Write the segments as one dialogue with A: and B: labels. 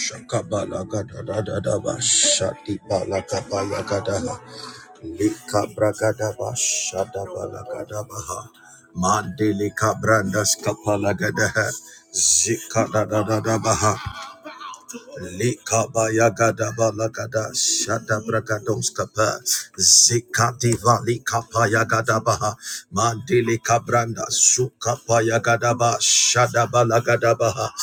A: Shakabala gada da da da ba shati bala kabala gada ha Lika bragada ba Shada bala Shakabalagadagadaba, Shatibalagabalagadaha, Likabragadaba, Shadabalagadabaha, Mandelikabrandas kapalagadaha, Zikadadadabaha, Likaba yagada balagada shada bragados kapa zikati vali kapa yagada baha mandili kabranda sukapa yagada ba shada balagada baha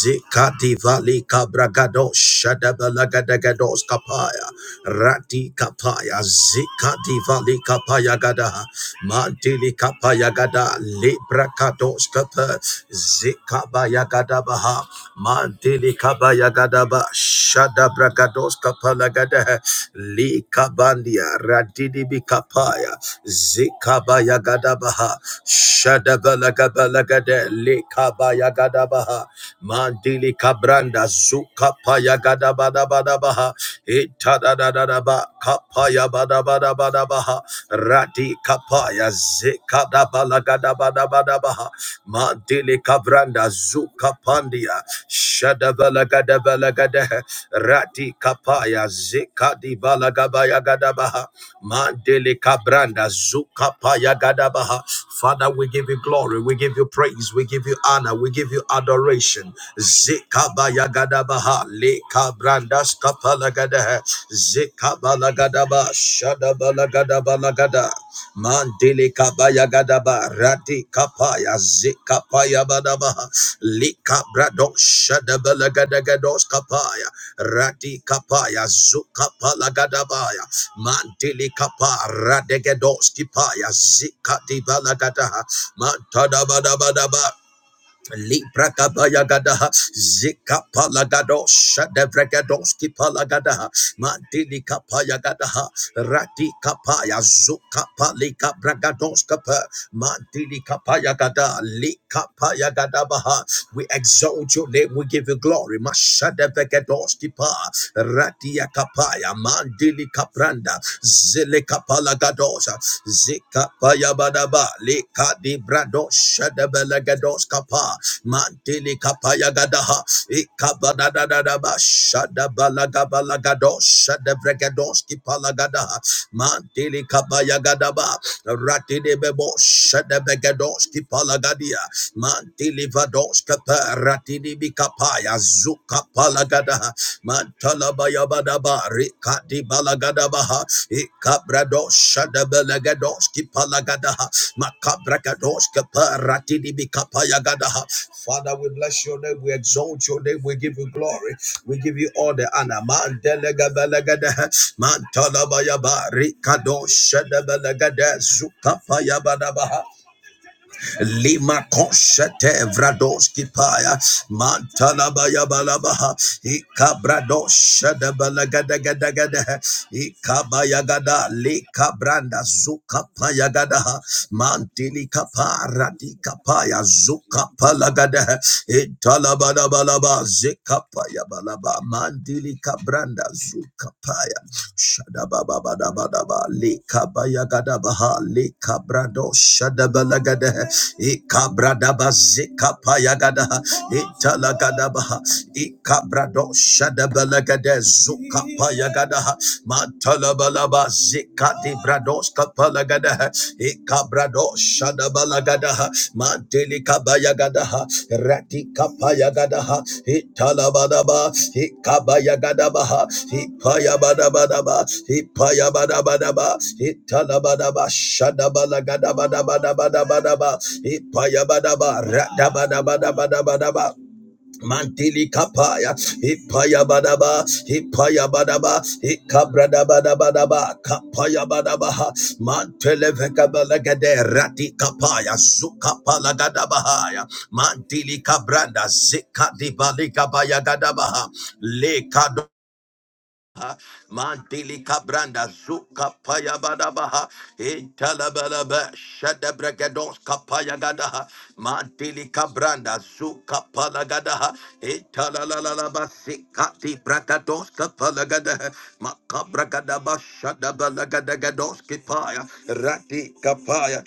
A: zikati vali kabragado shada balagada gados kapa ya Kapaya Zika Diva Lika Payagada Mantili Kapayagada Libra Kados Kapa Zika Bayagada Baha Mantili Kabayagada Ba Shada Bragados Kapalagada Lika Bandia Radidi Bikapaya Zika Bayagada Baha Shada Balagabalagada Lika Bayagada Baha Mandili Kabranda Zuka Payagada Bada Bada Baha Eta da da da da ba kapaya ba ba ba ba da da da ba ha. rati kapaya da da da da ba ba ba da ba la ga ha. mandili kavranda zuka la la ga da ba la ga shadabalagadabalagadehe, rati kapaya zeka di ba ba ba la ga ga ya ga da ba ha. Mandele Kabranda Zuka Paya Gadabaha. Father, we give you glory, we give you praise, we give you honor, we give you adoration. Zikabaya Gadabaha, Le Kabranda Skapala Gadaha, Zikabala Gadaba, Shadabala Gadabala Gada, Mandele Kabaya Gadaba, Rati Kapaya, Zikapaya Badabaha, Le Kabrado, Shadabala Gadagados Kapaya, Rati Kapaya, Zukapala Gadabaya. Mantili kapa radegedoski paya zika di balagadaha mantada badabadaba libra kabaya gadaha zika palagadosha devregedoski palagadaha mantili kapaya gadaha rati kapaya zuka palika bragadoska pa Mandili kapaya gada, li kapaya gada baha. We exalt your name. We give you glory. Mashada vegedoski pa, radia kapaya, mandili kapranda, zile kapala gadosa, zika paya badaba, li kadi brado shada belegados kapa, mandili kapaya gadaha, ikabadadadadaba, shada balagabalagados, shada vregadoski palagadaha, mandili kapaya gadaba. Ratidebebo Shadabegadoski Palagadia. Mantili vadoska paratini bikapaya zuka palagada. Mantala bayabadaba rikati balagadabaha. Ikabradosh adabelagadoski palagadaha. Makabrakadoska paratini bikapaya gadaha. Father, we bless your name. We exalt your name. We give you glory. We give you all the honor. Mantelega belagadaha. Mantala bayaba rikadosh adabelagada zuka payabadabaha. Lima Koshete Vradoski Paya Mantalabaya Balabaha Ikabradosh Balagadagada Ikabayagada Lika Branda Zuka Payagada Mantili Kapara Dikapaya Zuka Palagada Italabada Balaba Zikapaya Balaba Mandili Kabranda Zuka Paya Shadabababababa, lekabayagadabaha, lekabrado, shadabalagadaha, ekabradabazekapayagadaha, etalagadabaha, ekabrado, shadabalagade, zukapayagadaha, matalabalaba, zekadibradoskapalagadaha, Rado Shadabalagadaha Mantelika Bayagadaha Ratika Payagadaha Hitalabadaba Hikabayagadabaha Hipayabadabadaba Hipayabadabadaba Hitalabadaba Shadabalagadabalabadabadabadaba Hipayabadaba Radabadabadabadabadaba Mantili kapaya, hipaya badaba, hipaya badaba, ikabrada badaba, kapaya badabaha, mantele vekabalagade, rati kapaya, zuka palagadabaha, mantili kabranda, zikadi balikabaya gadabaha, le kado
B: The Virgin Islands
A: Mandili
B: and
A: Cabranda Zuka
B: Carolina.
A: Payabadabaha Intalabalaba Shadabragadons Kapayagadaha Mandili Cabranda Zuka Palagadaha Intalalalaba Sikati bragados kapala Bracadons Kapalagadaha Makabragadaba Shadabalagadagadons Kipaya Rati Kapaya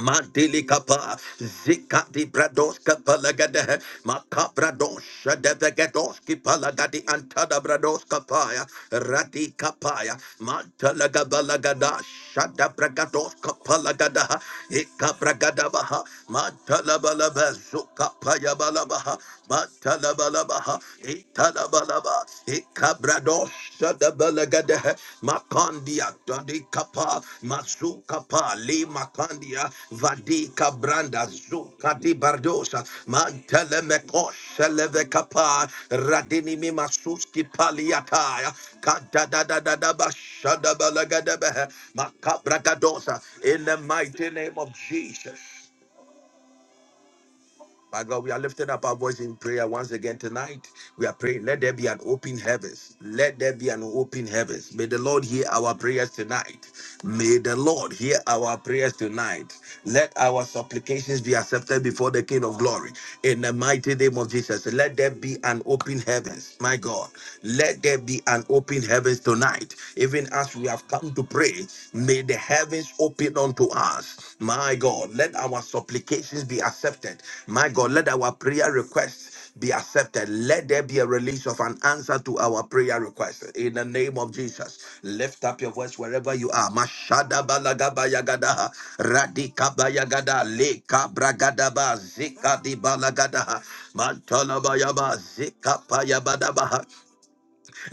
A: Mandili kapa, zika di brados kapa lagade, makabrados shadevegados kipa lagadi antada brados kapaya, radi kapaya, mantalagaba lagada, shadabragados kapa lagada, ikabragadabaha, mantalabalaba, zukapaya balabaha, mantalabalaba, italabalaba, Cabrados Shadabalagada Makandia Dadi Kapa Masukapa Le Makandia Vadi Cabranda Zukadi Bardosa Mantele Mekos Leve Kapa Radini Masuski Paliataya Kadadadadadaba Shadabalagada Makabragadosa in the mighty name of Jesus. My God, we are lifting up our voice in prayer once again tonight. We are praying, let there be an open heavens. Let there be an open heavens. May the Lord hear our prayers tonight. May the Lord hear our prayers tonight. Let our supplications be accepted before the King of Glory. In the mighty name of Jesus, let there be an open heavens. My God, let there be an open heavens tonight. Even as we have come to pray, may the the heavens open unto us. My God, let our supplications be accepted. My God, let our prayer requests be accepted. Let there be a release of an answer to our prayer request. In the name of Jesus, lift up your voice wherever you are. Mashada balagaba yagada, radika bayagada, leka bragadaba, zika di balagada, mantala bayaba, zika payabadaba.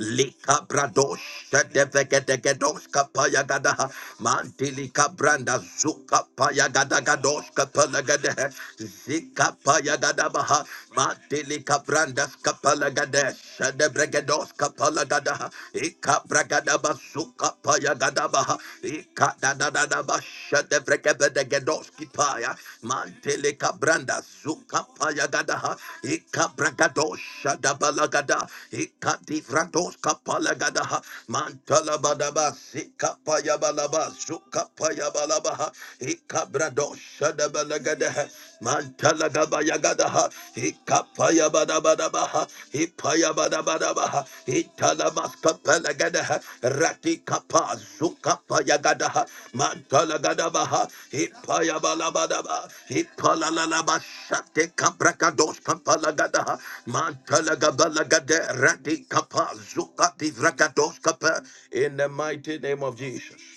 A: Lika bradosh devegedegedosh kapaya gadaha. Mantilika branda zuka paya gadagadosh kapalagadehe. Zika paya gadabaha. Mantilika branda kapalagadesh debregedosh kapalagadaha. Ika bragadaba zuka paya gadabaha. Ika dadadadaba Lebedegedoski paya, mantele kabranda zuka paya gadaha, ikabragado shadabalagada, ikadivrandos kapalagadaha, mantala badaba zika paya balaba zuka paya balabaha, ikabrado shadabalagadaha, Mantala gaba yagada ha. Ikapaya bada bada baha. Ipaya bada bada baha. Itala maska pela gada ha. Rati kapa zukapa yagada ha. Mantala gada baha. Ipaya bala bada ba. Ipala la la ba shate kabra kados kapala gada ha. Mantala gaba la gada. Rati kapa zukati vrakados kapa. In the mighty name of Jesus.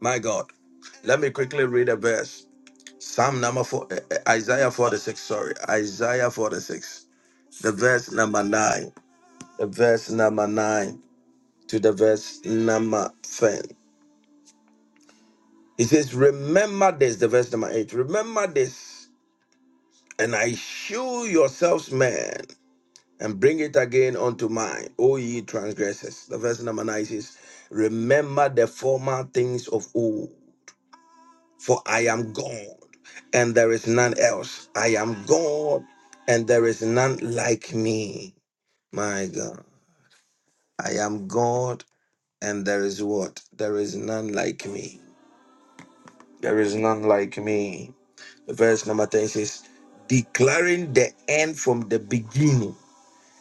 A: My God. Let me quickly read a verse. Psalm number four, eh, eh, Isaiah 46, sorry. Isaiah 46, the verse number nine, the verse number nine to the verse number 10. He says, Remember this, the verse number eight. Remember this, and I shew yourselves man, and bring it again unto mind, O ye transgressors. The verse number nine says, Remember the former things of old for I am God and there is none else. I am God and there is none like me. My God, I am God and there is what? There is none like me. There is none like me. Verse number 10 says, declaring the end from the beginning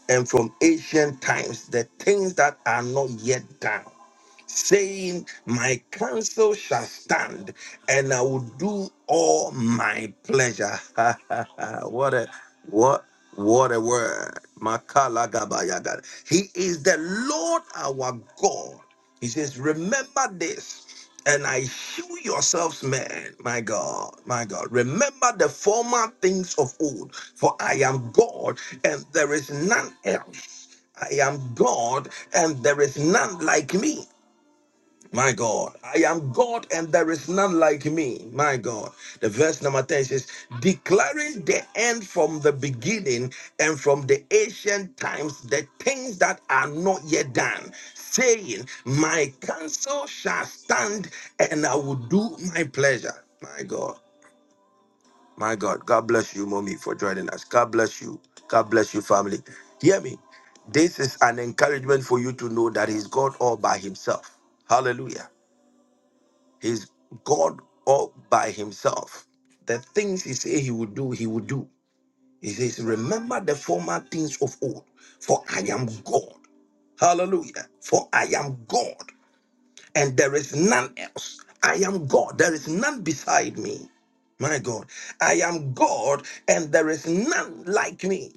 A: and from ancient times, the things that are not yet done. saying, My counsel shall stand, and I will do all my pleasure. what a what what a word. Makala Makalagabayagada. He is the Lord our God. He says, Remember this. And I shew yourselves, men, my God, my God. Remember the former things of old, for I am God and there is none else. I am God and there is none like me. My God, I am God and there is none like me. My God. The verse number 10 says, declaring the end from the beginning and from the ancient times, the things that are not yet done, saying, My counsel shall stand and I will do my pleasure. My God, my God. God bless you, mommy, for joining us. God bless you. God bless you, family. Hear me. This is an encouragement for you to know that He's God all by Himself. Hallelujah. He's God all by himself. The things he said he would do, he would do. He says, Remember the former things of old, for I am God. Hallelujah. For I am God, and there is none else. I am God. There is none beside me. My God. I am God, and there is none like me.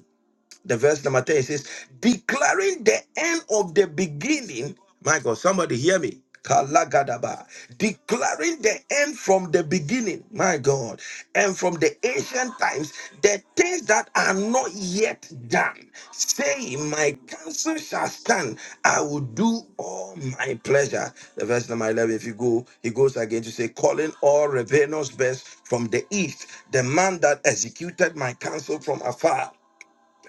A: The verse number 10 says, declaring the end of the beginning. My God, somebody hear me. Kalagadaba. Declaring the end from the beginning, my God, and from the ancient times, the things that are not yet done, saying, My counsel shall stand, I will do all my pleasure. The verse number 11, if you go, he goes again to say, Calling all rebellious best from the east, the man that executed my counsel from afar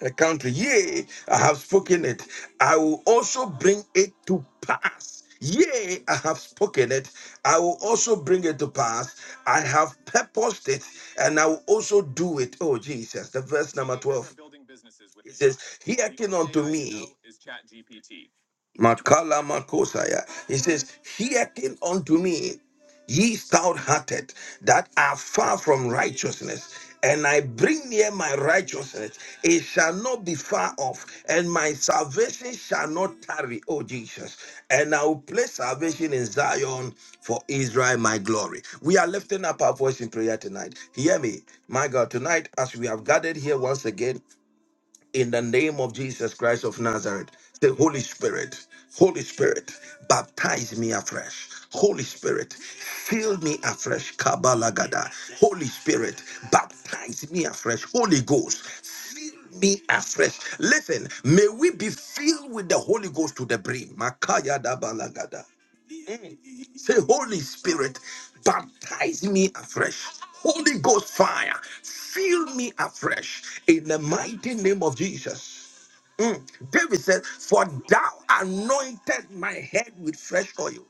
A: a country. Yea, I have spoken it. I will also bring it to pass. Yea, I have spoken it. I will also bring it to pass. I have purposed it and I will also do it. Oh, Jesus. The verse number. Makala Makosaya. He says, Hearken unto me, ye stout hearted that are far from righteousness, and I bring near my righteousness. It shall not be far off, and my salvation shall not tarry, O Jesus. And I will place salvation in Zion for Israel, my glory. We are lifting up our voice in prayer tonight. Hear me, my God. Tonight, as we have gathered here once again, in the name of Jesus Christ of Nazareth. Say, Holy Spirit, Holy Spirit, baptize me afresh. Holy Spirit, fill me afresh. Kabalagada. Holy Spirit, baptize me afresh. Holy Ghost, fill me afresh. Listen, may we be filled with the Holy Ghost to the brim. Makaya dabalagada. Say, Holy Spirit, baptize me afresh. Holy Ghost fire, fill me afresh in the mighty name of Jesus. Mm. David says, For thou anointed my head with fresh oil.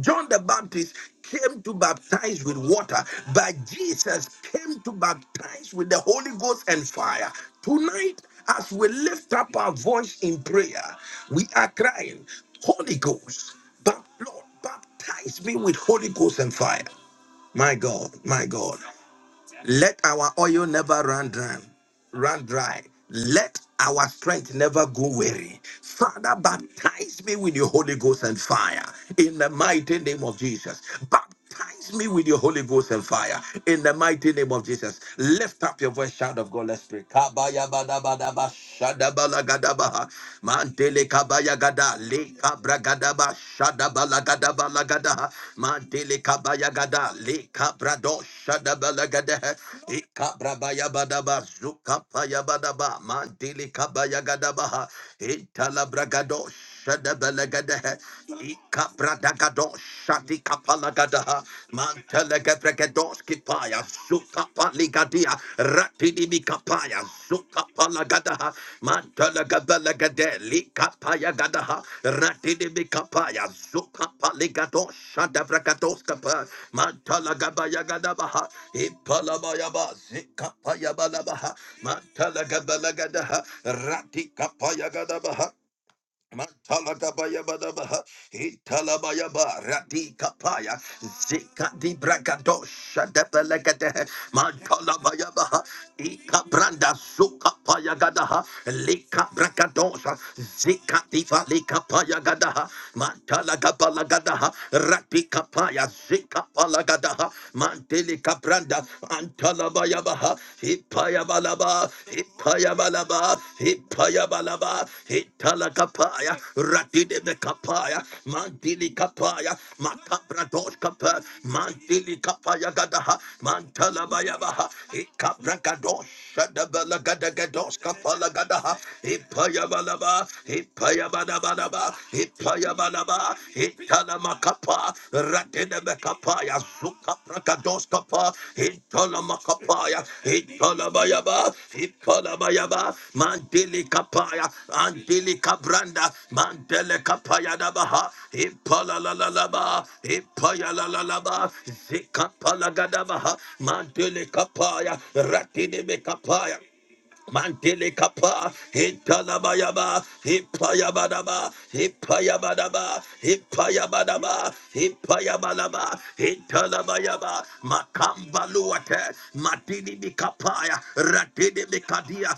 A: John the Baptist came to baptize with water, but Jesus came to baptize with the Holy Ghost and fire. Tonight, as we lift up our voice in prayer, we are crying, Holy Ghost, but Lord, baptize me with Holy Ghost and fire. My God, my God. Let our oil never run dry. Run dry. Let our strength never go weary. Father, baptize me with your Holy Ghost and fire in the mighty name of Jesus. Baptize me with your Holy Ghost and fire in the mighty name of Jesus. Lift up your voice, shout of God, let's pray. Kabaya badabadaba, shadabalagadaba, mantele kabaya gada le kabra gada ba shada bala gada bala gada mandele kabaya gada le kabra shada bala gada e zuka paya bada ba mandele kabaya gada ba e talabra Shadabalagadaha, Ikabradagado, Shatikapalagadaha, Mantelegebregedoski paya, Sukapaligadia, Ratidibikapaya, Sukapalagadaha, Mantelegebelegede, Likapayagadaha, Ratidibikapaya, Sukapaligado, Shadabragadoskapa, Mantelegebayagadabaha, Ipalabayaba, Zikapayabalaba, Mantelegebelegedeha, Ratikapayagadabaha, Matalagabayabadabaha, Italabayaba, Radikapaya, Zikadibragadosha, Depelegadehe, Matalabayabaha, Ikabranda, Sukapayagadaha, Likabragadosha, Zikadiva, Likapayagadaha, Matalagabalagadaha, Radikapaya, Zikapalagadaha, Mantelikabranda, Yabaha, Hippayabalaba, Hippayabalaba, Hippayabalaba, Hitalakapaya, Ratide de Kapaya, Mantili Kapaya, Makabrados Kapa, Mantili Kapaya Gadaha, Mantalabayabaha, Hikabrakados. Shadabala Gadagados Kapala Gadaha, Hippayabalaba, Hippayabalaba, Hippayabalaba, Makapa, Itala Makapa, Ratene Makapaya, Zuka Prakados Kapa, Itala Makapaya, Itala Bayaba, Itala Bayaba, Mandili Kapaya, Andili Kabranda, Mandele Kapaya Dabaha, Ipala la la la ba, Ipaya la la la ba, Zika Palagadabaha, Mandili Kapaya, Ratine Makapaya. Mantele kapa, italabayaba, ipayabadaba, ipayabadaba, ipayabadaba, ipayabalaba, italabayaba, makambaluate, matini mikapaya, ratini mikadia,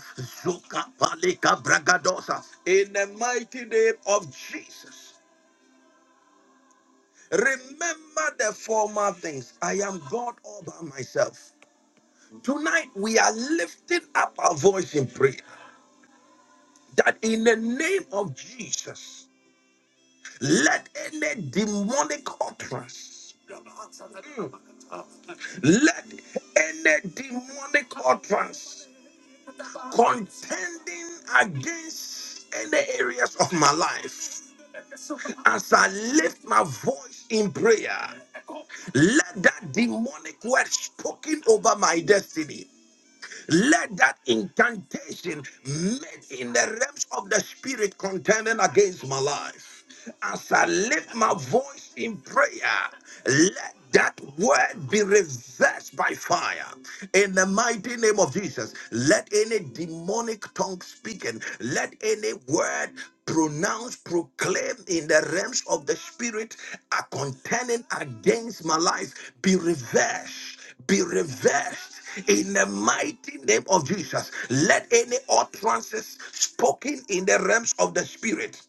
A: zukapalika bragadosa. In the mighty name of Jesus, remember the former things. I am God all by myself. Tonight we are lifting up our voice in prayer. that in the name of Jesus, let any demonic utterance, let any demonic utterance contending against any areas of my life, as I lift my voice in prayer, let that demonic word spoken over my destiny Let that incantation made in the realms of the spirit contending against my life. As I lift my voice in prayer, let that word be reversed by fire. In the mighty name of Jesus, let any demonic tongue speaking, let any word pronounced, proclaimed in the realms of the spirit are contending against my life be reversed be reversed in the mighty name of Jesus. Let any utterances spoken in the realms of the spirit.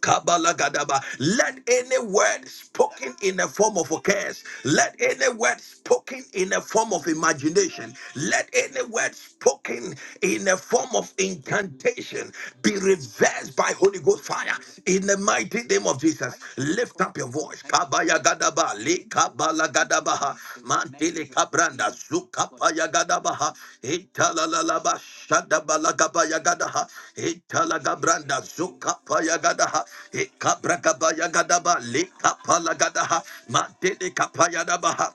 A: Kabalagadaba. Let any word spoken in the form of a curse, let any word spoken in the form of imagination, let any word spoken in the form of incantation be reversed by Holy Ghost fire in the mighty name of Jesus. Lift up your voice kabaya gadaba le kabala gadabaha mantele kabranda zukapaya gadabaha itala lalaba shadabala gabaya gadaha itala gabranda zukapaya gadaha ikabra kabaya gadaba le kapala gadaha mantele kapaya dabaha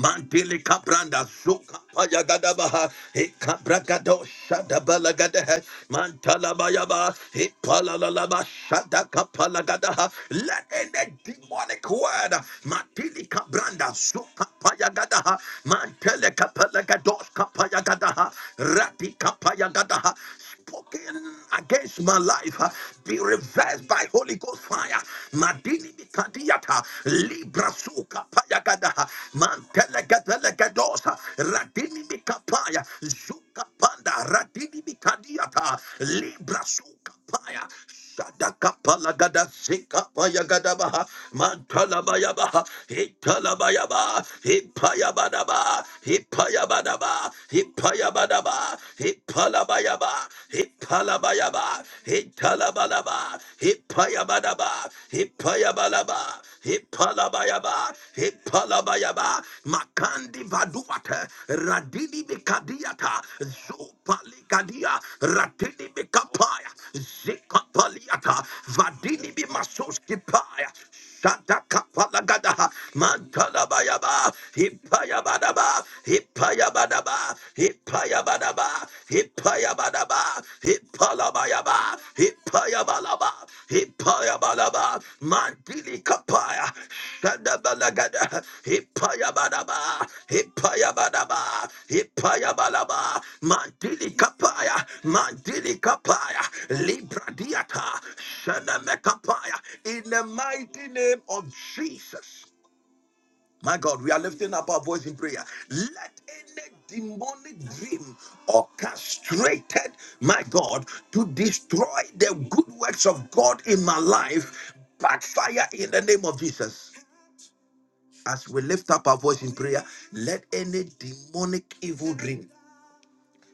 A: Mantili kapranda suka paya gadabaha. E kaprakado shada balagadaha. Mantala bayaba. E palalalaba shada kapala gadaha. Let any demonic word. Mantili kabranda suka paya gadaha. Mantele kapala gados kapaya gadaha. Rati kapaya gadaha spoken against my life uh, be reversed by Holy Ghost fire. Madini mikadiyata, libra suka payagada uh, mantelegedelegedos uh, radini mikapaya zuka panda radini mikadiyata, libra suka paya. Shadakapalagada Sikapayagadabaha Mantalabayaba Hitalabayaba Hipayabadaba Hipayabadaba Hipayabadaba Hipalabayaba Hipalabayaba Hitalabalaba Hipayabadaba Hipayabalaba Hipalabayaba Hipalabayaba Makandi Vaduata, Radini bekadiata, zupali kadia Ratini Mikapaya, Zikapaliata, Vadini bimasoski paya. Shata kapalagada, mantala bayaba, hipaya Mimasoskipaya, hipaya Mantalabayaba, Hipayabadaba, Hipayabadaba, Hipayabadaba, Hipayabadaba, Palabayaba, Hippayabalaba, Hippayabalaba, Mandili Kapaya, Sandabalagada, Hippayabadaba, Hippayabadaba, Hippayabalaba, Mandili Kapaya, Mandili Kapaya, Libra Diata, Sandamekapaya, in the mighty name of Jesus. My God, we are lifting up our voice in prayer. Let any demonic dream orchestrated, my God, to destroy the good works of God in my life backfire in the name of Jesus. As we lift up our voice in prayer, let any demonic evil dream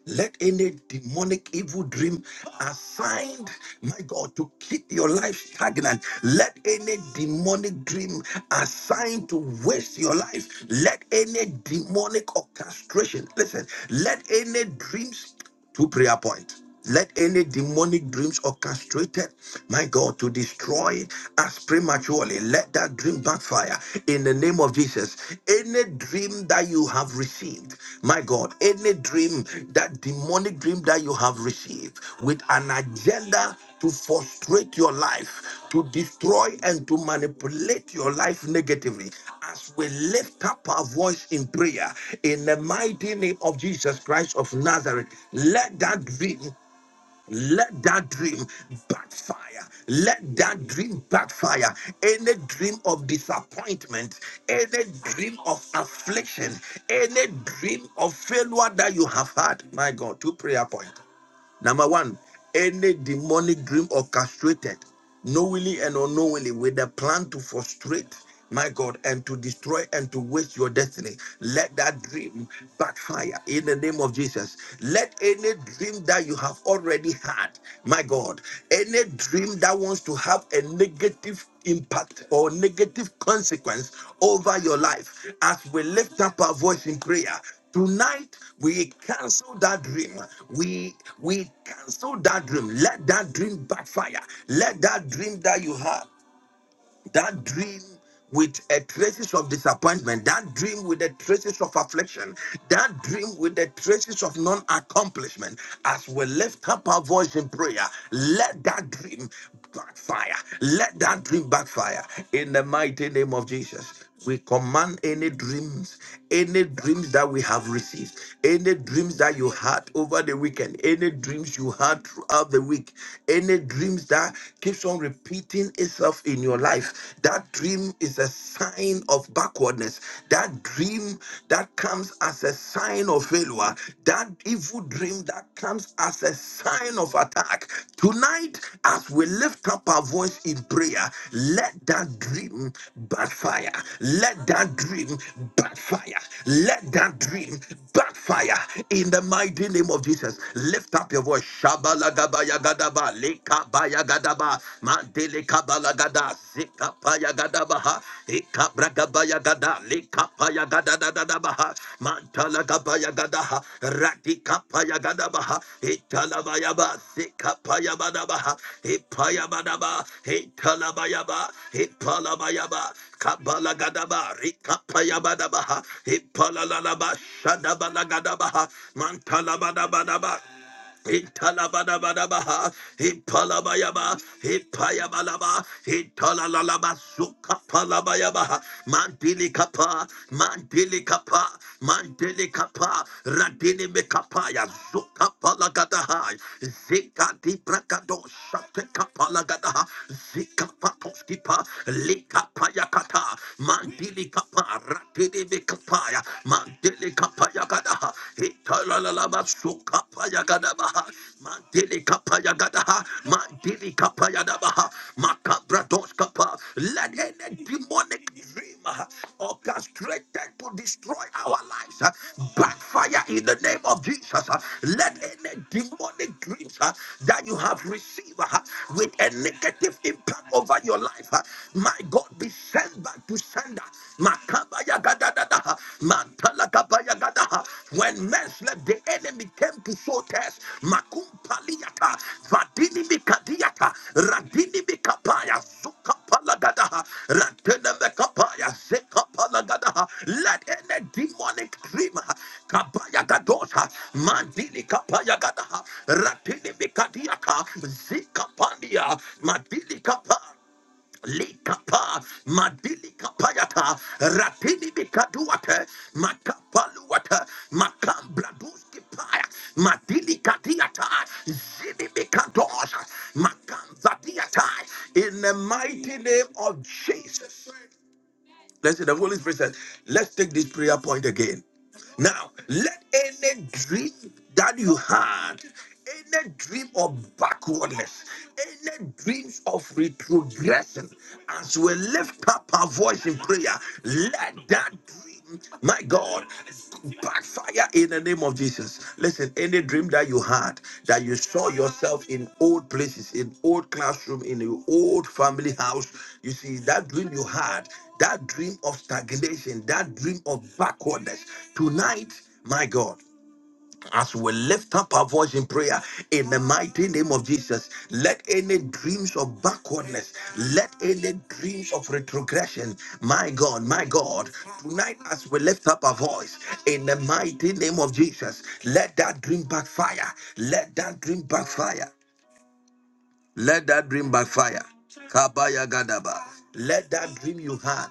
A: let any demonic evil dream assigned, my God, to keep your life stagnant, let any demonic dream assigned to waste your life, let any demonic orchestration, listen, let any dreams. Two prayer point. Let any demonic dreams orchestrated, my God, to destroy us prematurely, let that dream backfire in the name of Jesus. Any dream that you have received, my God, any dream, that demonic dream that you you have received with an agenda to frustrate your life, to destroy and to manipulate your life negatively. As we lift up our voice in prayer, in the mighty name of Jesus Christ of Nazareth, let that dream, let that dream backfire. Let that dream backfire. Any dream of disappointment, any dream of affliction, any dream of failure that you have had, my God, two prayer points. Number one, any demonic dream orchestrated knowingly and unknowingly with a plan to frustrate my God and to destroy and to waste your destiny. Let that dream backfire in the name of Jesus. Let any dream that you have already had, my God, any dream that wants to have a negative impact or negative consequence over your life, as we lift up our voice in prayer, Tonight we cancel that dream. We we cancel that dream. Let that dream backfire. Let that dream that you had, that dream with a traces of disappointment, that dream with the traces of affliction, that dream with the traces of non-accomplishment, as we lift up our voice in prayer, let that dream backfire. Let that dream backfire in the mighty name of Jesus. We command any dreams, any dreams that we have received, any dreams that you had over the weekend, any dreams you had throughout the week, any dreams that keeps on repeating itself in your life. That dream is a sign of backwardness. That dream that comes as a sign of failure. That evil dream that comes as as a sign of attack. Tonight, as we lift up our voice in prayer, let that dream backfire. Let that dream backfire. Let that dream backfire in the mighty name of Jesus. Lift up your voice. Shabalagabayagadaba, lekabayagadaba, mandele kabalagada, zekabayagadaba, Ikabragabaya gada, likapaya gada da da da baha, mantala gabaya gada ha, ratikapaya gada baha, italabaya ba, sikapaya bada baha, ipaya bada ba, italabaya ba, ipalabaya ba, kabala gada ba, rikapaya bada baha, ipalalalaba, shadabala gada baha, mantala bada bada ba, Intalabadabadabaha, Impalabayaba, Impayabalaba, Intalalaba, Sukapalabayaba, Mantili Kapa, Mantili Kapa, Mantili Kapa, Radini Mekapaya, Zukapalagadaha, Zikati Prakado, Shatekapalagadaha, Zikapatoskipa, Likapayakata, Mantili Kapa, Ratini paya mandele kapaya gada itala la la basu kapaya gada baha mandele kapaya gada mandele kapaya da baha makabra dos kapa let any demonic dream uh, orchestrated to destroy our lives uh, backfire in the name of Jesus uh, let any demonic dreams uh, that you have received uh, with a negative impact over your life uh, my God be sent back Tusanda, Makabaya Gadadaha, Mantala Kabaya Gadaha. When men slept, the enemy came to sow test. Makumpaliata, Vadini Mikadiata, Radini Mikapaya, Sukapalagadaha, Ratene Mekapaya, Sekapalagadaha. Let any demonic dream, Kabaya Gadosa, Mandini Kapaya Gadaha, Ratini Mikadiata, Zikapandia, Madili Kapaya. Likapa, Madili Kapayata, Ratini Bikaduate, Makapaluata, Makambraduski Paya, Madili Katiata, Zini Bikadosa, Makamvadiata, in the mighty name of Jesus. Listen, the Holy Spirit said, let's take this prayer point again. Now, let any dream that you had, any dream of backwardness, any dreams of retrogression, as we lift up our voice in prayer, let that dream, my God. God, backfire in the name of Jesus. Listen, any dream that you had, that you saw yourself in old places, in old classroom, in your old family house, you see, that dream you had, that dream of stagnation, that dream of backwardness, tonight, my God as we lift up our voice in prayer in the mighty name of Jesus, let any dreams of backwardness, let any dreams of retrogression, my God, my God, tonight as we lift up our voice in the mighty name of Jesus, let that dream backfire, let that dream backfire. Let that dream backfire. Kabaya Gadaba. Let that dream you had.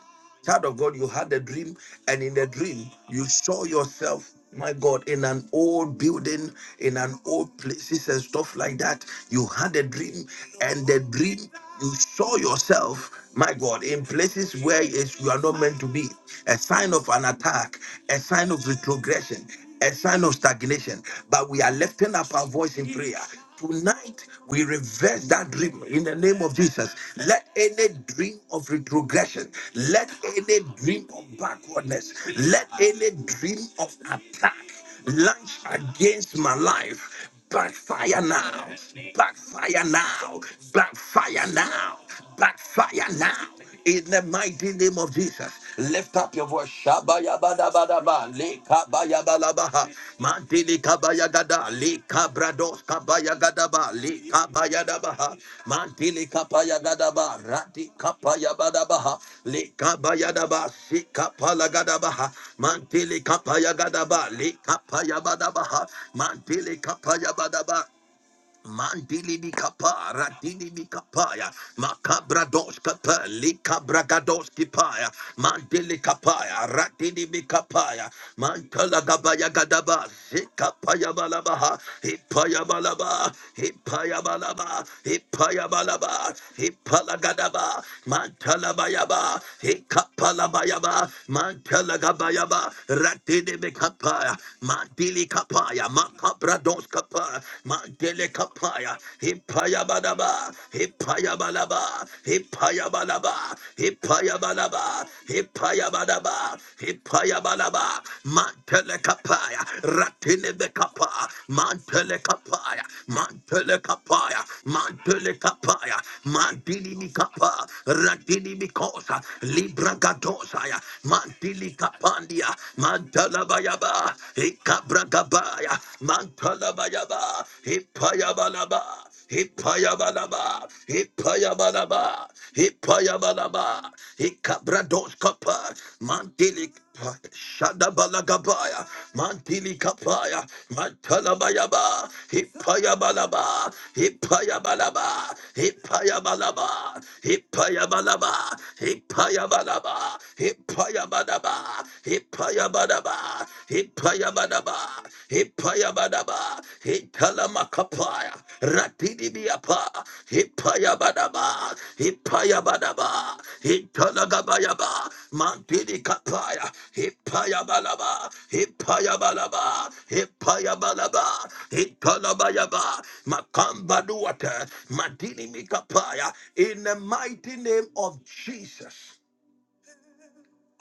A: Child of God, you had a dream, and in the dream, you saw yourself, my God, in an old building, in an old places and stuff like that. You had a dream, and the dream, you saw yourself my God, in places where it's, you are not meant to be, a sign of an attack, a sign of retrogression, a sign of stagnation. But we are lifting up our voice in prayer. Tonight, we reverse that dream in the name of Jesus. Let any dream of retrogression, let any dream of backwardness, let any dream of attack. Lunch against my life. Backfire now. Backfire now. Backfire now. Backfire now. In the mighty name of Jesus, lift up your voice. Shabaya bada bada ba, leka baya bala baha, mantili gada le kabrados kabaya gada ba le kabaya da ba mantili kapaya gada ba rati kapaya bada ba Lika le da ba si kapala gada ba mantili kapaya gada ba le kapaya bada ba mantili kapaya bada ba Mandili bikapa, radili bikapaya, makabra dos kapa, likabra gados kipaya, mandili kapaya, radili bikapaya, mantala gabaya gadaba, zikapaya balabaha, hipaya balaba, hipaya balaba, hipaya balaba, hipala gadaba, mantala bayaba, hikapala bayaba, mantala gabayaba, radili bikapaya, mandili kapaya, makabra Kabrados Kapa, Mandele Kapaya, Himpaya Badaba, Himpaya Balaba, Himpaya Balaba, Himpaya Balaba, Himpaya balaba, Himpaya Balaba, Mantele Kapaya, Ratine Bekapa, Mantele Kapaya, Mantele Kapaya, Mantele Kapaya, Mandini Mikapa, Ratini Mikosa, Libra Gadosaya, Mantili Kapandia, Mandala Bayaba. Gaba, Ikabragabaya, Mantalabayaba, Ipayabalaba, Ipayabalaba, Ipayabalaba, hikabrados Ikabradoskapa, Mantilik. Shadabalagabaya, Mantili Kapaya, Mantalabayaba, Hippayabalaba, Hippayabalaba, Hippayabalaba, Hippayabalaba, Hippayabalaba, Hippayabalaba, Badaba, Hippaya Badaba, Hippaya Badaba, Hippaya Badaba, Hikalamakapaya, biapa, Hippaya Badaba, Hippaya Badaba, Hikalagabayaba, Mantidi Kapaya, Hippaya Balaba, Hippaya Balaba, Hippaya Balaba, Hikalabayaba, Makamba Duata, Madini Mikapaya, in the mighty name of Jesus.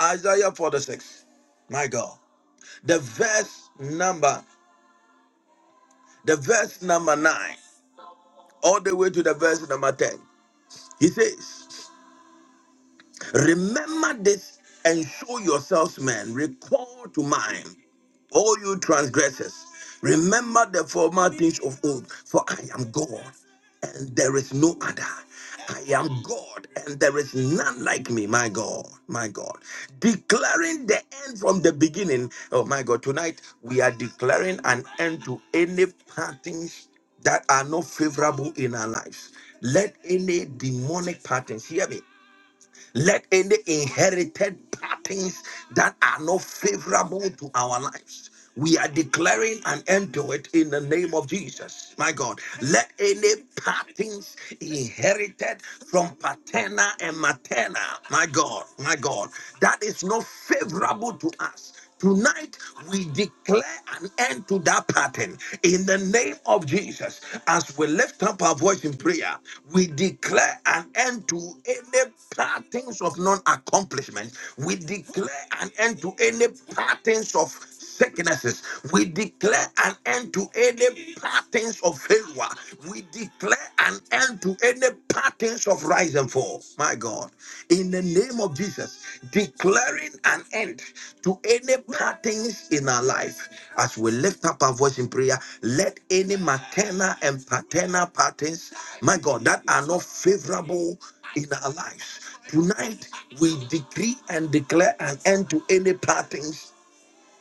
A: Isaiah 46. My God. The verse number, the verse number 9, all the way to the verse number 10. He says, Remember this and show yourselves men. Recall to mind all you transgressors. Remember the former things of old, for I am God and there is no other. I am God and there is none like me, my God, my God. Declaring the end from the beginning. Oh, my God, tonight we are declaring an end to any patterns that are not favorable in our lives. Let any demonic patterns, hear me, let any inherited patterns that are not favorable to our lives. We are declaring an end to it in the name of Jesus. My God, let any patterns inherited from paterna and materna, my God, my God, that is not favorable to us. Tonight, we declare an end to that pattern in the name of Jesus. As we lift up our voice in prayer, we declare an end to any patterns of non accomplishment. We declare an end to any patterns of sicknesses. We declare an end to any patterns of failure. We declare an end to any patterns of rise and fall. My God, in the name of Jesus, declaring an end to any patterns in our life. As we lift up our voice in prayer, let any maternal and paternal patterns, my God, that are not favorable in our lives. Tonight, we decree and declare an end to any patterns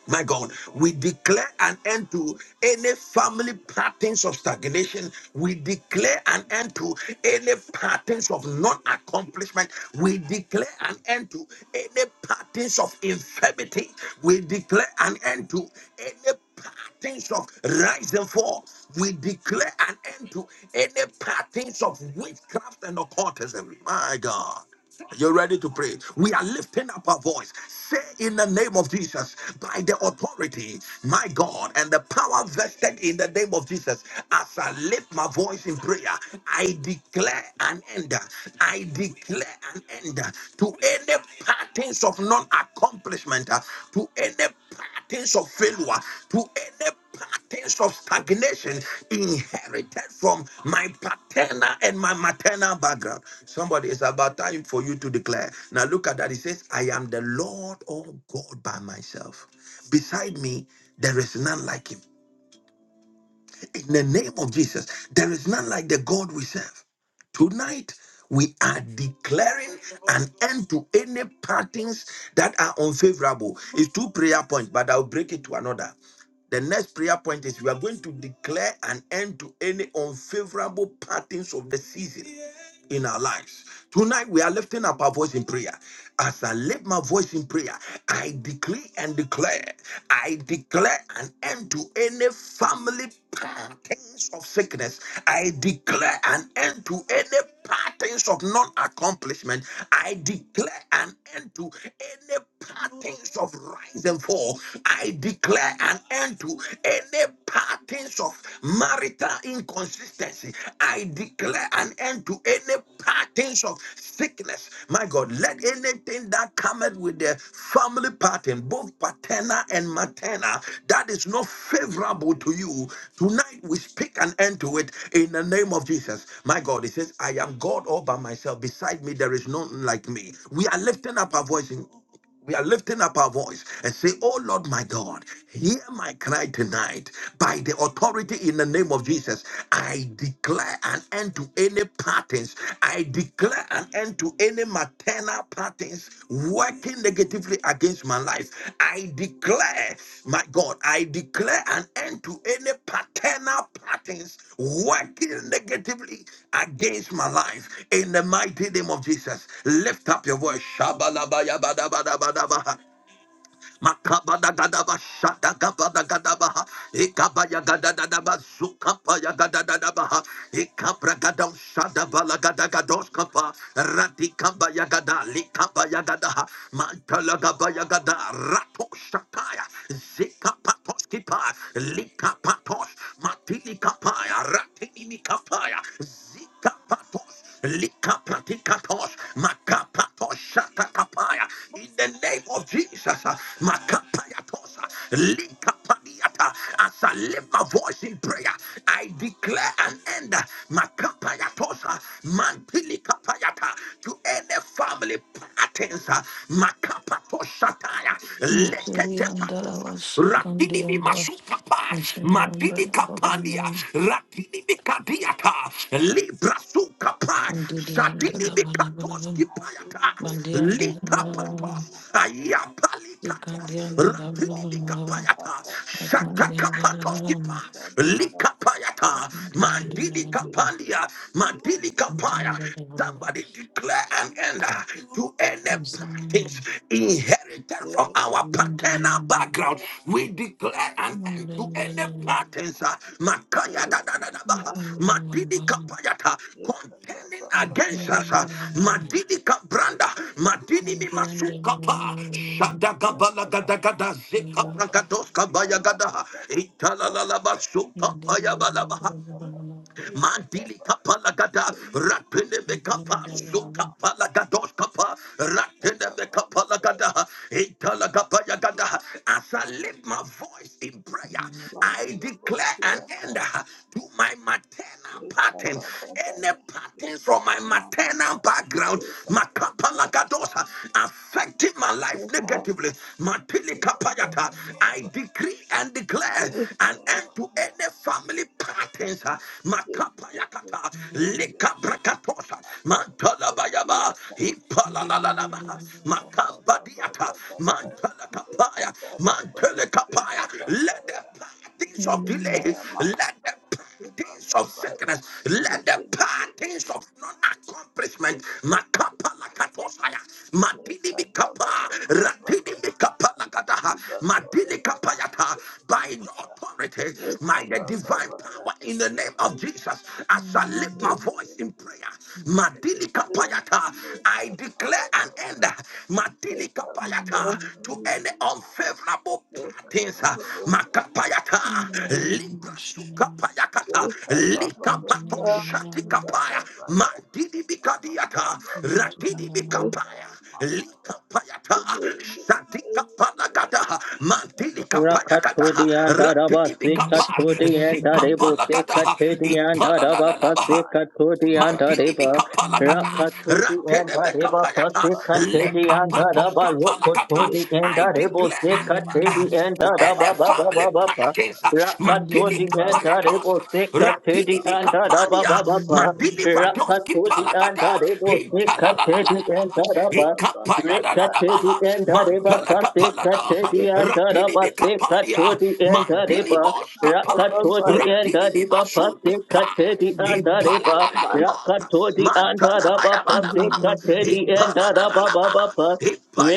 A: my God, we declare an end to any family patterns of stagnation. We declare an end to any patterns of non accomplishment. We declare an end to any patterns of infirmity. We declare an end to any patterns of rise and fall. We declare an end to any patterns of witchcraft and occultism. My God. You're ready to pray. We are lifting up our voice. Say in the name of Jesus, by the authority, my God, and the power vested in the name of Jesus, as I lift my voice in prayer, I declare an end. I declare an end to any patterns of non accomplishment, to any patterns of failure, to any patterns of stagnation inherited from my paternal and my maternal background. Somebody, it's about time for you to declare. Now, look at that. It says, I am the Lord of God by myself. Beside me, there is none like him. In the name of Jesus, there is none like the God we serve. Tonight, we are declaring an end to any patterns that are unfavorable. It's two prayer points, but I'll break it to another. The next prayer point is we are going to declare an end to any unfavorable patterns of the season in our lives. Tonight we are lifting up our voice in prayer. As I lift my voice in prayer, I decree and declare, I declare an end to any family patterns of sickness. I declare an end to any patterns of non-accomplishment. I declare an end to any patterns of rise and fall. I declare an end to any patterns of marital inconsistency. I declare an end to any patterns of sickness. My God, let anything that cometh with the family pattern, both paterna and materna, that is not favorable to you, tonight we speak an end to it in the name of Jesus. My God, He says, I am God all by myself. Beside me, there is none like me. We are lifting up our voice. We are lifting up our voice and say, Oh Lord my God, hear my cry tonight. By the authority in the name of Jesus, I declare an end to any patterns. I declare an end to any maternal patterns working negatively negatively against my life. I declare, my God, I declare an end to any paternal patterns working negatively against my life in the mighty name of Jesus. Lift up your voice. Shabalabayabadabadabadabaha. Makabada gadaba shada gabada gadabaha. Ikabaya gadadadaba zukapaya gadadadabaha. Ikabra gadam shada bala gadagados kapa. Radikabaya gada likabaya gadaha. Mantala gabaya gada rato shataya. Zikapatos kipa likapatos matili kapaya ratini kapaya zikapatos Lika pratikatos, makapatos, shatakapaya. In the name of Jesus, makapayatos, likapaniata. As I lift my voice in prayer, I declare an end, makapayatos, mantilikapayata, to any family patterns, makapatos, shataya,
C: Mantiri
D: Madelibosia,
C: andara
A: leketepatos,
C: wasukandi
A: rapidimi
C: anda
A: kapa,
C: masindi
A: matini
C: andara
A: kapania,
C: babamun
A: ratini mikadiata, libra su kapa,
C: mandidi
A: satini
C: andara
A: mikatos
C: balabalaban
A: kipayata,
C: mandi
D: Madelibosia,
C: andara
D: Kaya
C: balabalaban
A: likapatos,
D: Mama Mama,
A: ayapalikatos,
C: sikandi andara
D: Leka
A: ratini
D: Baba
C: balabalaban
D: Baba
A: mikapayata,
D: Baba
C: makandi
D: Baya,
C: andara
A: satakapatos
D: Ka
C: balabalaban
A: kipa,
D: Baba Baba Baba
A: likapayata,
C: sindi andara
A: mandini
D: Baby
C: balabalaban
A: kapandia, mandini
C: mantiri
A: kapaya,
C: andara balabalaban
A: Somebody declare an end to any
C: masindi
A: practice, inherited from
D: Baby
A: our
C: mandiri andara
A: paternal
C: balabalaban
A: background. We declare
D: baby.
A: an end
C: mandiri
A: to
C: andara
A: any
C: balabalaban
A: patterns uh, Makaya da da da da ba, Matidi kapayata, contending against us. uh, Madidi kabranda, Madidi mi masuka pa, Shadagabala
D: Baba
A: gadagada, Zeka
D: Baba,
A: pragados kabaya gada, Itala la la basuka
C: Mandin
A: paya ba Mandili kapalagada, rapine me kapa, so kapalagados kapa, ratine me kapalagada, italagapayagada. As I lift my voice in prayer, I declare an end to my maternal pattern, any pattern from my maternal background, makapalagadosa, affecting my life negatively, matilikapayata, I decree and declare an end to any family patterns, uh, makapayakata, likabrakatosa, mantalabayaba, ipalalalama,
D: Thank
A: makambadiata, mantalakapaya, mantalakapaya. Let the patterns of delay, let the Things of sickness, let the parties of non-accomplishment, makapa lakatosaya, matini mikapa, ratini mikapa lakataha, matini kapayata,
D: you.
A: by your authority, by the divine power in the name of Jesus, as I lift my voice in prayer, matini kapayata, I declare an end, matini kapayata, to any unfavorable
D: Mama,
A: things. Makapayata, Libra Sukapayakata, Likapato Shatikapaya, Madidi Bikadiata, Ratidi Bikapaya. Likapayata, Satikapalagada, Mantilikapayagada,
E: Rakatodi and Daraba
A: Ratidibikapa,
E: Sikatudi and
D: Mande
E: Darebo,
A: Zikapalagada,
D: mabosi
E: Sikatedi and
D: bakamba
E: Daraba,
A: Ipalalalaba,
D: baba ya
E: Pasikatudi and
D: imba
A: Mandidi bi
E: Dareba
D: baba
A: kapala
D: ya
A: gata,
D: kanda
E: Rakatudi
D: mama
E: and
A: ratene be
E: Dareba
A: kapayata,
D: imba
A: le
E: Pasikatudi
D: baba
E: and
D: ya
A: kapatos
E: Daraba
A: kapala kata.
D: nibele
E: Rukutudi
D: bele
E: and
A: I
E: Darebo
A: declare
D: bele
A: an end uh,
D: mande
E: Sikatudi and
A: to
D: mabosi
A: any
E: Daraba
D: ya
E: Baba
A: family
E: Baba
D: kamba
E: Baba
D: baba
A: parties.
D: ya
A: Matili
E: Rakatudi
D: kamba
E: and
D: baba
A: kapayatos,
E: Darebo
D: ya
E: Sikatudi
D: imba
A: ratini bi
E: and
D: baba
E: Daraba
D: ya
A: kapania,
E: Baba Baba
A: matili
D: kanda
A: vados
D: mama
E: Rakatudi
D: ya
A: kipala
E: and
A: gata.
D: imba
E: Darebo
D: baba
A: Itala la la
E: Sikatudi
D: ya
A: la la
E: and
A: la,
D: kamba
E: Daraba
D: baba ya
A: ikapaya da da da
E: Rekatedi
A: baha,
D: imba
E: and
D: baba
E: Areba
A: mantala
D: ya
E: Pase
A: kapala dos,
D: nibele
E: Katedi and
A: ratini
E: Araba
A: bi
D: bele
E: Se
A: kapania,
E: Katodi and
D: bele
A: mandili
E: Areba
A: bos kapa,
E: Rakatodi and
A: ratini li
E: Areba
A: masul
E: Pase
A: kapaya.
E: Katedi and Areba
A: Ipalalalaba,
E: Rakatodi and Araba
A: mantalabayabadaba,
E: Pase Katedi and Araba
A: ipalalalalaba,
E: Baba Pa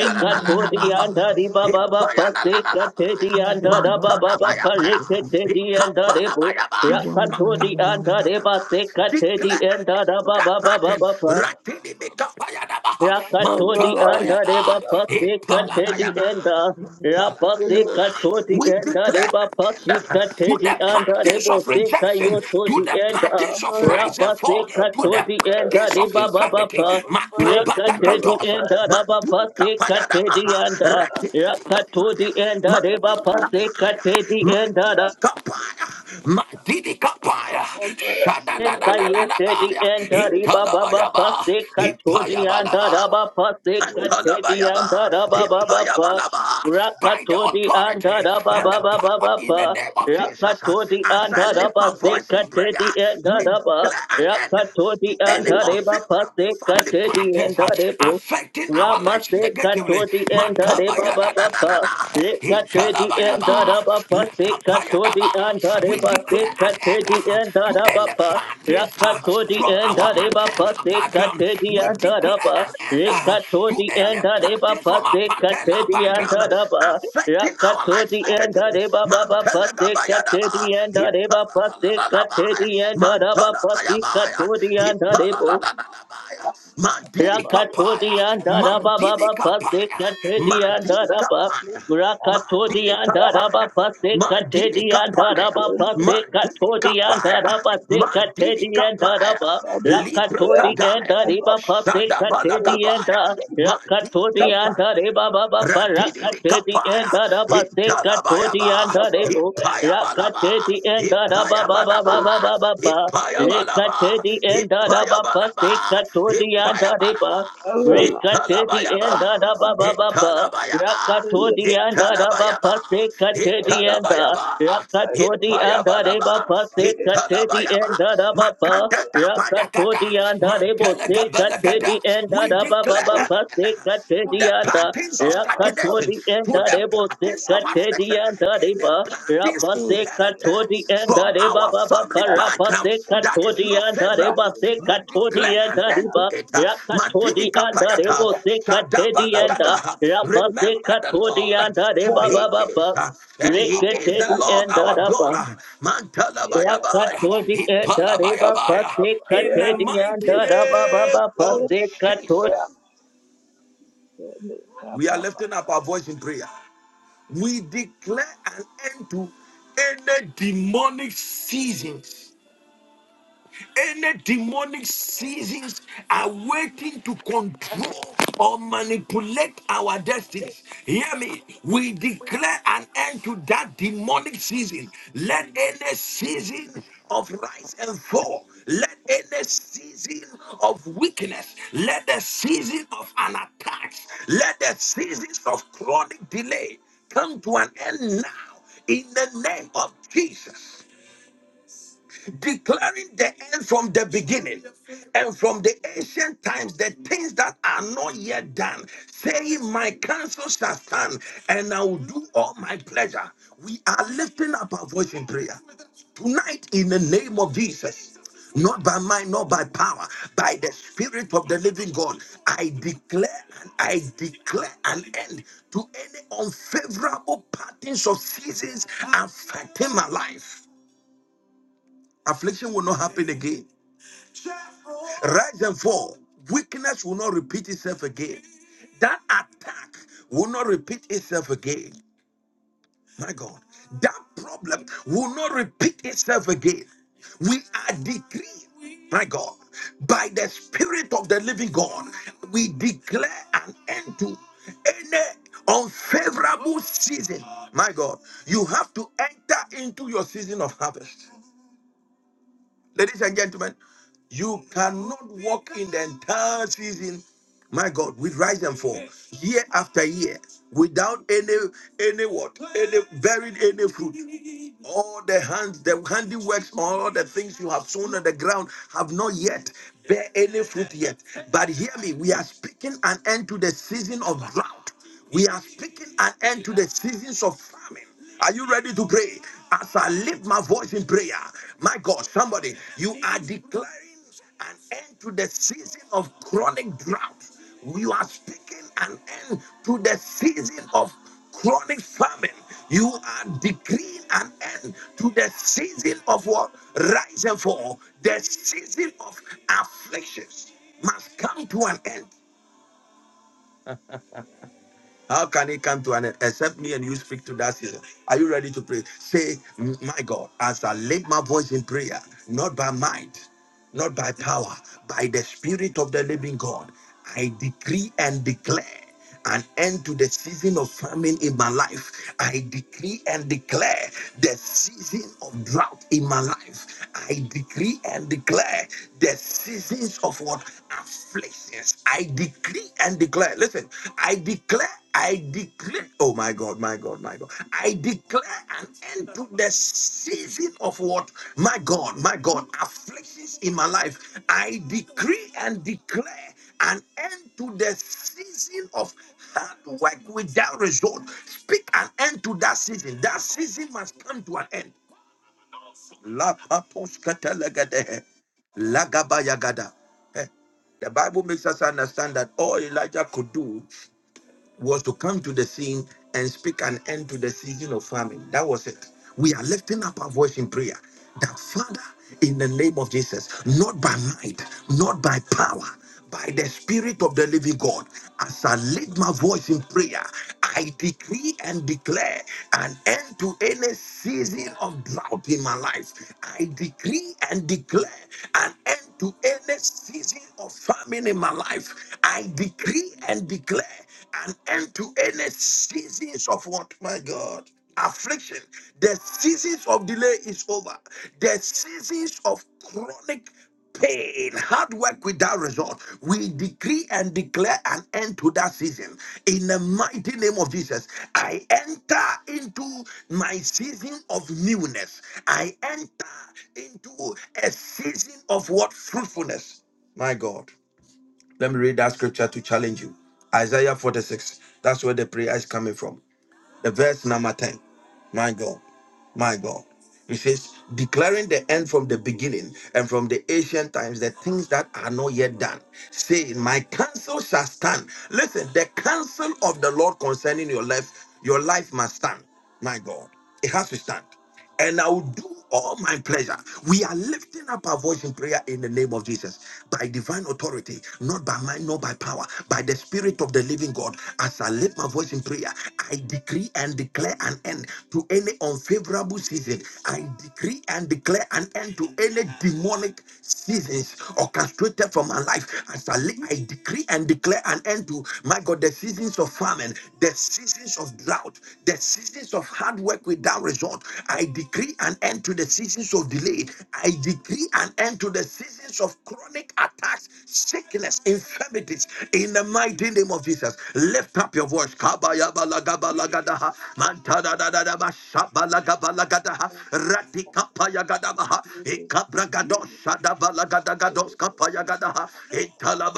C: Thank
E: and Areba Baba Pase
A: ipayalalalalaba,
E: Katedi and Araba Baba Pa
A: mantalabayabaya,
E: Rekatedi and Arebo
A: ikapalabayaba,
E: Rakatodi and Areba
A: makapalagadaba.
E: Se Katedi
A: Declare
E: and Araba
A: that
E: Baba
A: pattern.
E: Baba Pa
A: Ratini Mikabayadaba,
E: Rakatodi and
A: Mantalabayaba,
E: Areba Pasi Katedi
A: Ipalabayaba,
E: and the
C: you.
E: Rapasi
A: Palabayaba.
E: Katodi
A: We
E: and
A: declare
E: Areba
A: an
E: Pasi
A: end to
E: Katedi
A: the
E: and
A: patterns
E: Arebo
A: of
E: Seka
A: rejection, to
E: Yotodi
A: the
E: and
A: patterns of rise and
E: Rapasi
A: fall, to the
E: Katodi and
A: patterns of
E: Areba
A: infirmity.
E: Baba
A: Makabata
E: Rekatedi
A: katosa,
E: and Araba
A: mandu
E: Pasi
A: kapaya
E: Katedi
A: damaha,
E: and the
A: rakini kapaya,
E: Rakatodi and
A: mandu
E: Areba Pasi
A: kapaya,
E: Katedi and
A: mandu
E: the
A: kapaya, mandu kapaya, shada da da da da da
E: Kayete di
A: baya,
D: Bye.
E: entari baba
A: italabaya
E: baba
A: ba,
E: se kato di
A: ipaya ba
E: andara baba se kate
D: Baba,
A: Palabayaba,
E: andara baba baba
A: Ipayabalaba, By the
E: rakatodi di
A: authority
E: andara
A: and
E: baba
A: the
E: baba
A: power in
E: baba
A: the name of Jesus.
E: rakatodi di
A: As I
E: andara
A: lift
E: baba
A: my
E: se
A: voice in
E: kate
A: prayer,
E: di
A: we
E: andara baba
A: declare an end
E: rakatodi di
A: to any
E: andare baba se
A: unfavorable family
E: kate
A: patterns uh,
E: andare bo
A: affecting our
E: rama
A: lives
E: se kato
A: negatively.
E: andare baba baba
A: Makabayadadadadada,
E: Rekate di
A: Italabayaba,
E: andara baba se kato di
A: Lakapayadaba.
E: andare
A: We
E: baba
A: declare an end uh, to any patterns uh,
E: Rakatodi
A: from
E: and
A: our
E: Areba
A: maternal
E: Pase
A: background.
E: Katedi
A: We
E: and
A: declare
E: Araba
A: an end uh, to
E: Rekatodi
A: any
E: and Areba
A: practice from a
E: Pase
A: paternal
E: Katedi and
A: background uh,
E: Araba
A: affecting our lives
E: Rakatodi and
A: negatively.
E: Areba Baba Pase
A: Mantelagabayadaba,
E: Katedi and Areba Pase
A: ipalalalalabaya,
E: Katedi and Araba Pase
A: mantalabayabaya,
E: Katodi and Arebo
A: ipalalalalabaya, mandilikapaya,
E: Rakatodian Darababa
A: mandilikapaya,
E: Pasekatedian
D: baba
E: Daraba
A: mandilikapaya,
E: Rakatodian Daraba
A: mandilikapaya,
E: Pasekatedian
A: mandilikapaya,
E: Daraba Pasekatodian
A: mandilikapaya,
E: Daraba Sekatedian
A: mandilikapaya,
E: Daraba Rakatodian
A: librakadaya.
E: Dariba Pasekatedian
A: Shadabalagabaya.
E: Dar Rakatodian
A: Madikapa.
E: Dariba Baba
A: Ratidi
E: Parakatedian
A: kapaya,
E: Daraba Sekatodian
A: italabayaba,
E: Daribo
A: ipayabalaba,
E: Rakatedian Daraba Baba
A: ipayabalaba,
E: Baba Baba Rekate
A: ipayabalaba,
E: the end Baba
A: ipayabalaba,
E: Sekato the
A: ipayabalaba,
E: Andareba. Rekate the
A: italabayaba,
E: end Baba Baba.
A: italabayaba,
E: Rakato the Andaraba
A: italabayaba,
E: Sekate the Anda.
A: italabayaba,
E: Rakato the
A: ipayabalaba,
E: Andareba Sekate the
A: italabayaba,
E: Andaraba.
A: makatata padakata,
E: Rakatodi anda rebo se
A: mantelegabelagada.
E: katedi anda
A: We
E: da ba ba
A: declare
E: ba
A: an
E: ba se
A: end to
E: katedi
A: the
E: anda
A: patterns of stagnation,
E: Rakatodi
A: to
E: anda
A: the
E: rebo se
A: patterns of affliction,
E: katedi anda
A: any
E: reba
A: patterns
E: Rapa se
A: inherited
E: katodi anda
A: from
E: reba
A: our
E: ba ba ba
A: family
E: Rapa
A: background that is not
E: anda reba
A: favorable,
E: se
A: we
E: katodi
A: declare an
E: anda
A: end to
E: reba
A: it.
E: Rakatodi
A: Matili
E: anda
A: kapayata,
E: rebo se anda
A: shadabalagada.
E: Rapa se
A: Remember the
E: katodi
A: Lord,
E: anda
A: for
E: reba
A: he
E: ba ba
A: is, uh, and he is the
E: Rekatedi
A: Lord
E: anda
A: our
E: da ba
A: God. uh, Mantalabayabaya,
E: Yakatodi kenda reba
A: Hipalabayabaya,
E: pase
A: In the
E: katedi
A: mighty
E: yanda da ba ba
A: name
E: ba
A: of
E: pase katodi.
A: Jesus. We are lifting up
D: Baba,
A: our voice in prayer. We declare an end to any demonic seasons any demonic seasons are waiting to control or manipulate our destinies. Hear me. We declare an end to that demonic season. Let any season of rise and fall, let any season of weakness, let the season of an attack, let the seasons of chronic delay come to an end now in the name of Jesus declaring the end from the beginning and from the ancient times the things that are not yet done, saying, My counsel shall stand and I will do all my pleasure. We are lifting up our voice in prayer tonight in the name of Jesus. Not by might, not by power, by the Spirit of the Living God, I declare and I declare an end to any unfavorable patterns of seasons affecting my life. Affliction will not happen again. Rise and fall. Weakness will not repeat itself again. That attack will not repeat itself again. My God. That problem will not repeat itself again. We are decreeing, my God, by the Spirit of the living God, we declare an end to any unfavorable season. My God, you have to enter into your season of harvest. Ladies and gentlemen, you cannot walk in the entire season, my God, with rise and fall, year after year, without any any what, any buried any fruit. All the hands, the handiworks, all the things you have sown on the ground have not yet bear any fruit yet. But hear me, we are speaking an end to the season of drought. We are speaking an end to the seasons of famine. Are you ready to pray? As I lift my voice in prayer, my God, somebody, you are declaring an end to the season of chronic drought. You are speaking an end to the season of chronic famine. You are decreeing an end to the season of what? Rise and fall. The season of afflictions must come to an end. How can it come to an end except me and you speak to that season? Are you ready to pray? Say, My God, as I lift my voice in prayer, not by might, not by power, by the Spirit of the living God, I decree and declare an end to the season of famine in my life. I decree and declare the season of drought in my life. I decree and declare the seasons of what afflictions. I decree and declare. Listen, I declare I declare, oh my God, my God, my God, I declare an end to the season of what? My God, my God, afflictions in my life. I decree and declare an end to the season of hard work without result. Speak an end to that season. That season must come to an end. Lapaposkatalagadeh, lagabayagada. Eh, The Bible makes us understand that all Elijah could do was to come to the scene and speak an end to the season of famine. That was it. We are lifting up our voice in prayer that, Father, in the name of Jesus, not by might, not by power, by the Spirit of the living God, as I lift my voice in prayer, I decree and declare an end to any season of drought in my life. I decree and declare an end to any season of famine in my life. I decree and declare an end to any seasons of what, my God? Affliction. The seasons of delay is over. The seasons of chronic pain, hard work without result. We decree and declare an end to that season. In the mighty name of Jesus, I enter into my season of newness. I enter into a season of what? Fruitfulness. My God. Let me read that scripture to challenge you. Isaiah 46. That's where the prayer is coming from. The verse number 10. My God. My God. He says, declaring the end from the beginning and from the ancient times, the things that are not yet done, saying, My counsel shall stand. Listen, the counsel of the Lord concerning your life, your life must stand. My God. It has to stand and I will do all my pleasure. We are lifting up our voice in prayer in the name of Jesus by divine authority, not by mind, not by power, by the Spirit of the living God. As I lift my voice in prayer, I decree and declare an end to any unfavorable season. I decree and declare an end to any demonic seasons orchestrated for my life. As I, li- I decree and declare an end to my God, the seasons of famine, the seasons of drought, Seasons of hard work without result. I decree an end to the seasons of delay. I decree an end to the seasons of chronic attacks, sickness, infirmities. In the mighty name of Jesus, lift up your voice. Kabayabalagabalagadaha, mantadadadadamashabalagabalagadaha,
D: Thank
A: ratikapayagadabaha, ikabragadoshadabalagadagadoskampa- kapaya gadaha, itala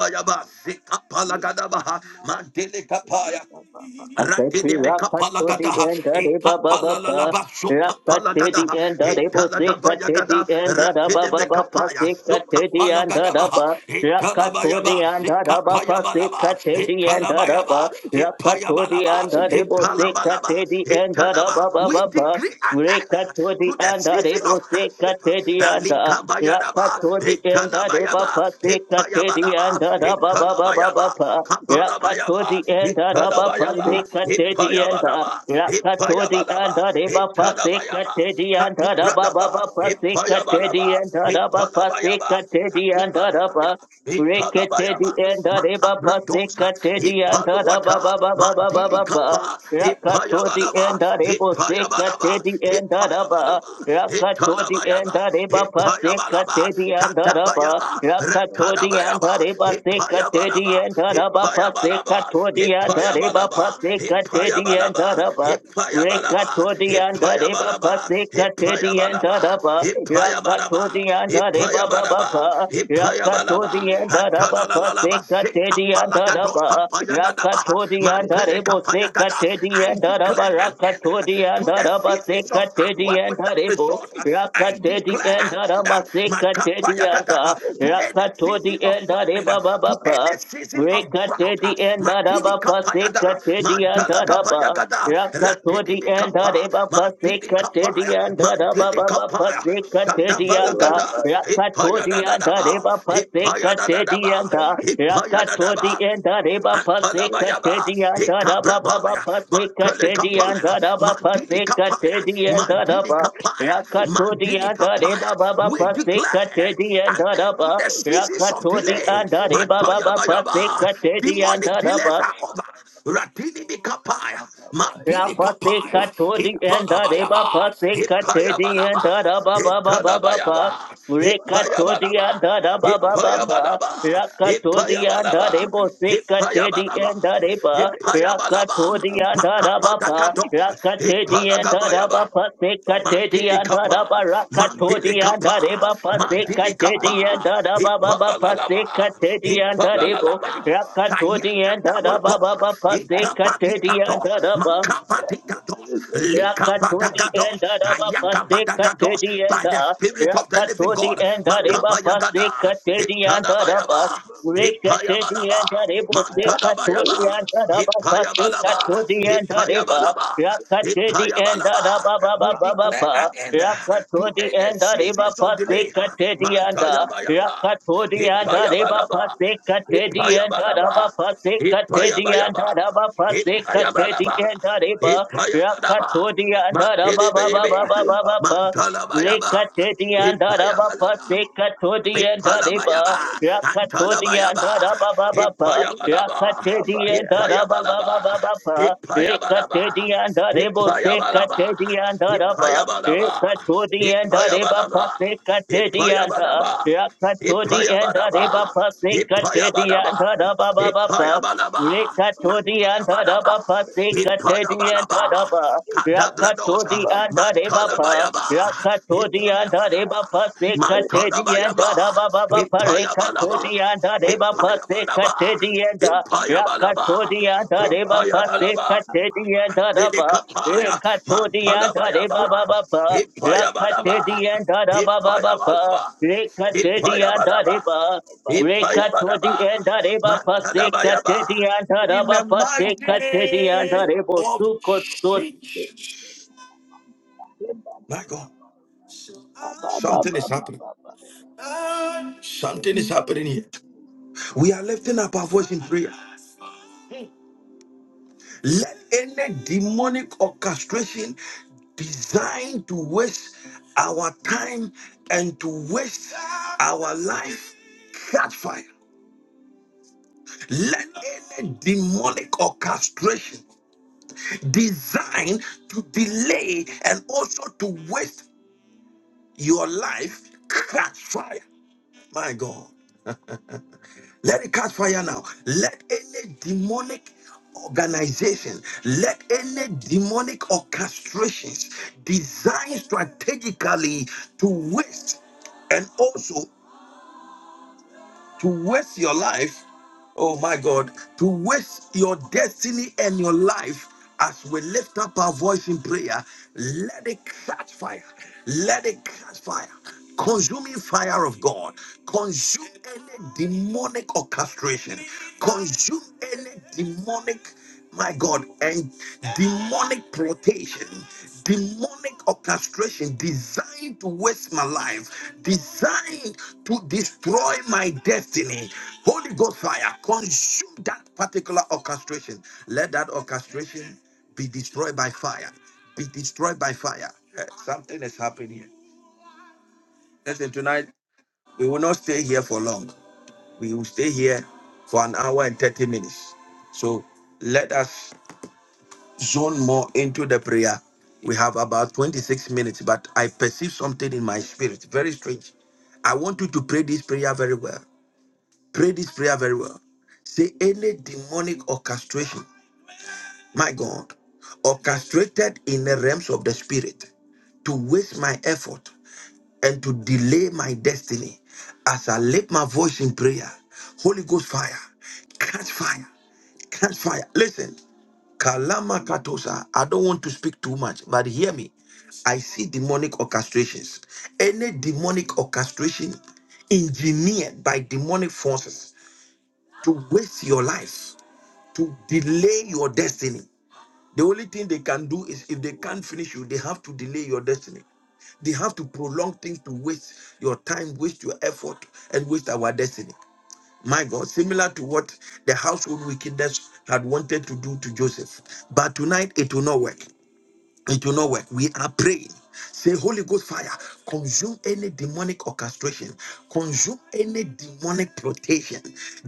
E: Asepi
A: Rakidebe
E: rakatodi
A: kapalagada,
E: enda reba ba ba ba.
A: ikapalalaba sopapalagada,
E: Rakatedi enda rebo se katedi
A: italagabayagada,
E: enda da ba ba
A: rakidebe
E: ba
A: kapaya
E: pase katedi yanda
A: sopapalagadaba,
E: da ba. Rakatodi
A: italabayaba,
E: and Adabapa
A: sikapayabalaba,
E: Sekatedi and
A: italabayaba,
E: Adaba Rakatodi
A: ipayabalaba,
E: and Adebo
A: ipalabalaba,
E: Sekatedi and
A: italaba. We
E: Adababa
A: decree an
D: you.
A: end to
E: Rekatodi
A: the
E: and
A: season of
E: Adebo
A: hardship.
E: Sekatedi and
A: Alikabayadaba,
E: Rakatodi and
A: italabayaba,
E: Adebapa Sekatedi
A: ipayabalaba,
E: and
A: italabayaba.
E: Adababa
A: Kapalabayaba,
E: Rakatodi and Adabapa
A: Hitalabayaba,
E: Sekatedi and
A: Hipayabalaba,
E: Rakatodi
A: Hipayabalaba,
E: and Adebapa
A: Hitalabayaba,
E: Sekatedi and
A: Katibradaba,
E: Adababa Sekatedi
A: Hipayabalaba,
E: and Adabapa
A: Hitalabayaba,
E: Sekatedi and
A: Katibalabaya,
E: Adaba Reketedi
A: Hitalabayaba,
E: enda reba
A: Makabradosa,
E: pasekatedi enda raba
A: Hipaluata,
E: ba ba ba ba ba ba ba.
A: Mandilikapa,
E: Rakatodi
A: Hipayabalaba,
E: enda rebo
A: Hipayabalaba,
E: sekatedi enda raba.
A: Hipayabalaba,
E: Rakatodi
A: Hitalabayaba,
E: enda reba
A: Hipayabalaba. Katabalaba,
E: pasekatedi enda raba.
A: Katabayaba,
E: Rakatodi
A: Rakadabayaba,
E: enda reba sekatedi
A: Hippayabalaba,
E: enda raba
A: Hippayabalaba,
E: pasekatodi enda reba
A: Hippayabalaba,
E: pasekatedi enda
A: Hippayabalaba,
E: raba.
A: Hippayabalaba,
E: Rekatodianda reba
A: Hippayabalaba,
E: pase katedianda raba
A: Hippayabalaba, Hippayabalaba,
E: rakatodianda reba baba pa
A: Hippayabalaba, Hippayabalaba,
E: rakatodianda raba pase
A: Antalalalaba,
E: katedianda
A: Shikapalagados,
E: raba
A: Kapayagadabaha,
E: rakatodianda
A: Mantele
E: rebo se
A: Kapayagada. I
E: katedianda raba
A: declare an end uh, to
E: rakatodianda
A: the
E: raba se
A: seasons of hard work
E: katedianda
A: without
E: rebo
A: result. Uh, I declare an
E: rakatedianda
A: end
E: raba
A: uh,
E: se
A: Makapaya
E: katedianda
A: gada, uh, to any season of
E: rakatodianda
A: famine, uh,
E: baba
A: to any season of drought. uh,
E: Rekatedi and
A: Matini
E: Dadaba
A: kapaya da,
E: Pasekatedi and
A: Mandala kapaya
E: Dadaba.
A: gada, Ratini
E: Rakatodi and
A: mikapa,
E: Dadeba
A: Mandini
E: Pasekatedi
A: kapaya,
E: and Dadaba
A: Mandini kapaya,
E: Pasekatedi and Da.
A: Shadavalagada, Hipaya da
E: Rakatodi
A: da
E: and
A: da
E: Dadeba
A: Hipaya da da da
E: Pasekatedi and Da.
A: Hipaya da
E: Rakatodi reba pase
A: Antalabayaba,
E: katedi anda da ba ba ba
A: Ekabrabaya,
E: pase
A: Mantele
E: katedi
A: Kapaya,
E: anda
D: Thank
E: da
D: you.
E: ba pase
A: Mandili Kapaya,
E: katedi anda da
A: Mandili
E: ba
A: Kapaya,
E: rakatodi
A: Mandili
E: anda
A: Kapaya.
E: reba ba ba
A: We
E: pase
A: declare
E: katedi
A: an
E: anda da
A: end
E: ba
A: to the seasons of
E: rakatodi
A: delay.
E: anda reba ba
A: Mantoya
E: ba pase
A: Bayaba,
E: katedi anda
A: demonic
E: da ba
A: delays are over. Ratini Mikapaya, Mandili Kapaya,
E: Rapaseka to the end of the
A: Ipalabayaba,
E: Bapaseka to
D: Baba
E: the end
A: Ipayabalaba,
E: of the Baba Baba Baba pa.
A: Italabayaba,
E: Reka to the end
A: Ipayabalaba.
E: of the Baba Baba pa.
A: Ipayabalaba,
E: Raka to the
A: Ipayabalaba,
E: the Boseka to the
A: Ipayabalaba,
E: end the Ba
D: Baya,
E: Raka
A: Ipayabalaba,
E: to the
D: Kababa
E: end of the
D: Baya,
E: Baba
A: Makabadagados,
E: Raka
D: Kababa
E: to the
D: Baya,
E: end of the
A: Ipalagabayaba.
D: Kababa
E: Bapaseka to
D: Baya,
E: the
A: Mandili
E: end of the
A: kapa,
E: Ba
D: Lekaya
E: Raka
D: Mama
E: to the
A: mandili
D: Ya,
E: end
A: kapa,
E: of the
D: Baba Baya,
A: mandili
E: Bapaseka to
A: kapa.
E: the end
D: Mandiri
E: of the raba Baba
D: Ya Kaya
A: Hipalalalaba,
E: Bapaseka to
D: Mama
E: the end
D: Maya,
E: of
D: He
E: the Bo
A: hipalalalaba.
D: Baba
E: Raka
D: Baba
E: to
D: Ya,
E: the
A: Kayata
E: end of the raba
A: kapatos,
D: Leka
E: Baba
D: Baba Ya, He
E: Bapaseka to
D: Baba
E: the
A: ikapadikatos,
D: Baba
E: the
D: Ya,
E: Ba
A: makapadikatos,
D: Lebe
E: Rakatodi
D: Baba
A: likabadagados,
E: and
D: Baya,
E: Araba
D: Maya
E: Paseka
A: ayakabadagados.
D: Ya,
E: Teddy and
A: By the
D: Mama Ya,
A: Spirit of the Living
E: Rakatodi
D: Lebe
A: God,
E: and Araba
D: Lebe
A: makabayagada,
E: Paseka Teddy and
D: Baba
E: Araba
A: itadabayaba.
D: Baba
E: Rekatedi and
A: Ipayabalaba,
E: Arebo
D: Mama Ya,
E: Seka
D: Baba Baba
A: Mantadabayaba,
E: and
D: Ya,
E: Araba Paseka
A: Ipayabalaba,
E: and Areba
A: Ipayabalaba,
E: Rakatedi and
A: Ipayabalaba.
D: ya
E: Araba Baba
A: We
D: kabamba
E: Baba
A: declare
E: Ba
A: an end to
E: Rakatodi
A: any
E: and Areba
A: seasons of delay.
E: Paseka Teddy and
A: Mantayabayaba,
E: Rakatodi and Areba
A: Ipayabalaba,
E: Paseka
D: ya
E: Teddy and
D: mwanamama
E: Araba
A: Ipayabalaba,
E: Paseka
D: na
E: and
A: Ipayabayaba,
D: Baba,
E: Araba
D: ya
E: Paseka
A: Ipayabalaba,
E: and
D: baba,
E: Areba
D: ya
A: Ipayabalaba,
D: mandulu
A: Mantidi
D: mama ya
A: baby,
D: he Baba,
E: Rakatodiandarababababababa.
D: baba, ya
A: Mantalabayaba,
E: Rekatodiandarababa,
D: ya
A: Ipayabalaba.
D: mama
E: sekatodiandariba.
A: Ipalabayaba,
D: mandele bosi ya
A: Antalabayaba,
D: Baba, baba,
E: Rakatodiandarabababa.
D: ya
A: Ipayabalaba,
D: Baba, baba, ya he
A: Ipayabalaba,
D: Baba, ya
E: Rakatodiandarabababababa.
D: ndele
A: Ipayabalaba,
D: kabamba
E: Rekatodiandarebo,
D: ya he baba,
A: Ipayabalaba,
D: Baba, baba,
E: sekatodiandaraba.
D: ya
A: Ipayabalaba,
D: ndele ndele baba.
E: Rekatodiandarebaba,
A: Ipayabalaba,
E: sekatodianda.
D: Baba,
A: Ipayabalaba. Ipayabadaba,
E: Rakatodiandarebaba,
A: Ipayabadaba,
E: sekatodiandarabababa.
A: Ipayabalaba,
E: Rekatodi
D: baba, ya
E: anda da
A: Mantayabalaba,
D: ya
E: bapa
D: ya ya. ya.
E: sekatedi
A: Ipayabalaba,
E: anda da ba.
A: Kadabradosa,
E: Rakatodi anda de bapa.
A: Mantalabayaba,
E: Rakatodi anda de
A: Ipayabalaba,
E: bapa sekatedi
A: Mantalabayaba,
E: anda da ba ba ba pa.
A: Ipayabalaba,
E: Rekatodi anda de bapa
A: Ipayabalaba,
E: sekatedi anda.
A: Ipayabalaba,
E: Rakatodi anda de bapa
A: Ipayabalaba.
E: sekatedi anda da ba.
A: Pilikapaya,
E: Rekatodi anda de ba ba
A: Mantalabayaba,
E: ba
A: Ipayabadaba,
E: Rakatedi anda da ba ba ba
A: Ipayabalaba,
E: Rekatedi anda
A: Ipayabadaba,
E: de ba.
A: Ipayabadaba,
E: Rekatodi and Areba
A: Mantalabayaba.
E: Pasekatedi and
A: In the
E: Araba
A: mighty
E: Pasekatedi and
A: name
E: Arebo
D: Baba,
A: of
E: Sukotod
A: Jesus.
D: Baba
A: My God, something is happening. Something is happening here. We are lifting up our voice in prayer. Let any demonic orchestration designed to waste our time and to waste our life catch fire. Let any demonic orchestration designed to delay and also to waste your life catch fire. My God. Let it catch fire now. Let any demonic organization, let any demonic orchestrations designed strategically to waste and also to waste your life. Oh my God, to waste your destiny and your life as we lift up our voice in prayer. Let it catch fire. Let it catch fire. Consuming fire of God. Consume any demonic orchestration. Consume any demonic my God, and demonic plotation, demonic orchestration designed to waste my life, designed to destroy my destiny. Holy Ghost fire, consume that particular orchestration. Let that orchestration be destroyed by fire, be destroyed by fire. Eh, Something is happening. Listen, tonight we will not stay here for long. We will stay here for an hour and 30 minutes. So let us zone more into the prayer. We have about 26 minutes, but I perceive something in my spirit. Very strange. I want you to pray this prayer very well. Pray this prayer very well. Say any demonic orchestration, my God, orchestrated in the realms of the spirit to waste my effort and to delay my destiny as I lift my voice in prayer. Holy Ghost fire, catch fire, catch fire. Listen, Kalama katosa. I don't want to speak too much, but hear me. I see demonic orchestrations. Any demonic orchestration engineered by demonic forces to waste your life, to delay your destiny. The only thing they can do is if they can't finish you, they have to delay your destiny. They have to prolong things to waste your time, waste your effort, and waste our destiny. My God, similar to what the household wickedness had wanted to do to Joseph. But tonight it will not work. It will not work. We are praying. Say, Holy Ghost fire, consume any demonic orchestration, consume any demonic plotation,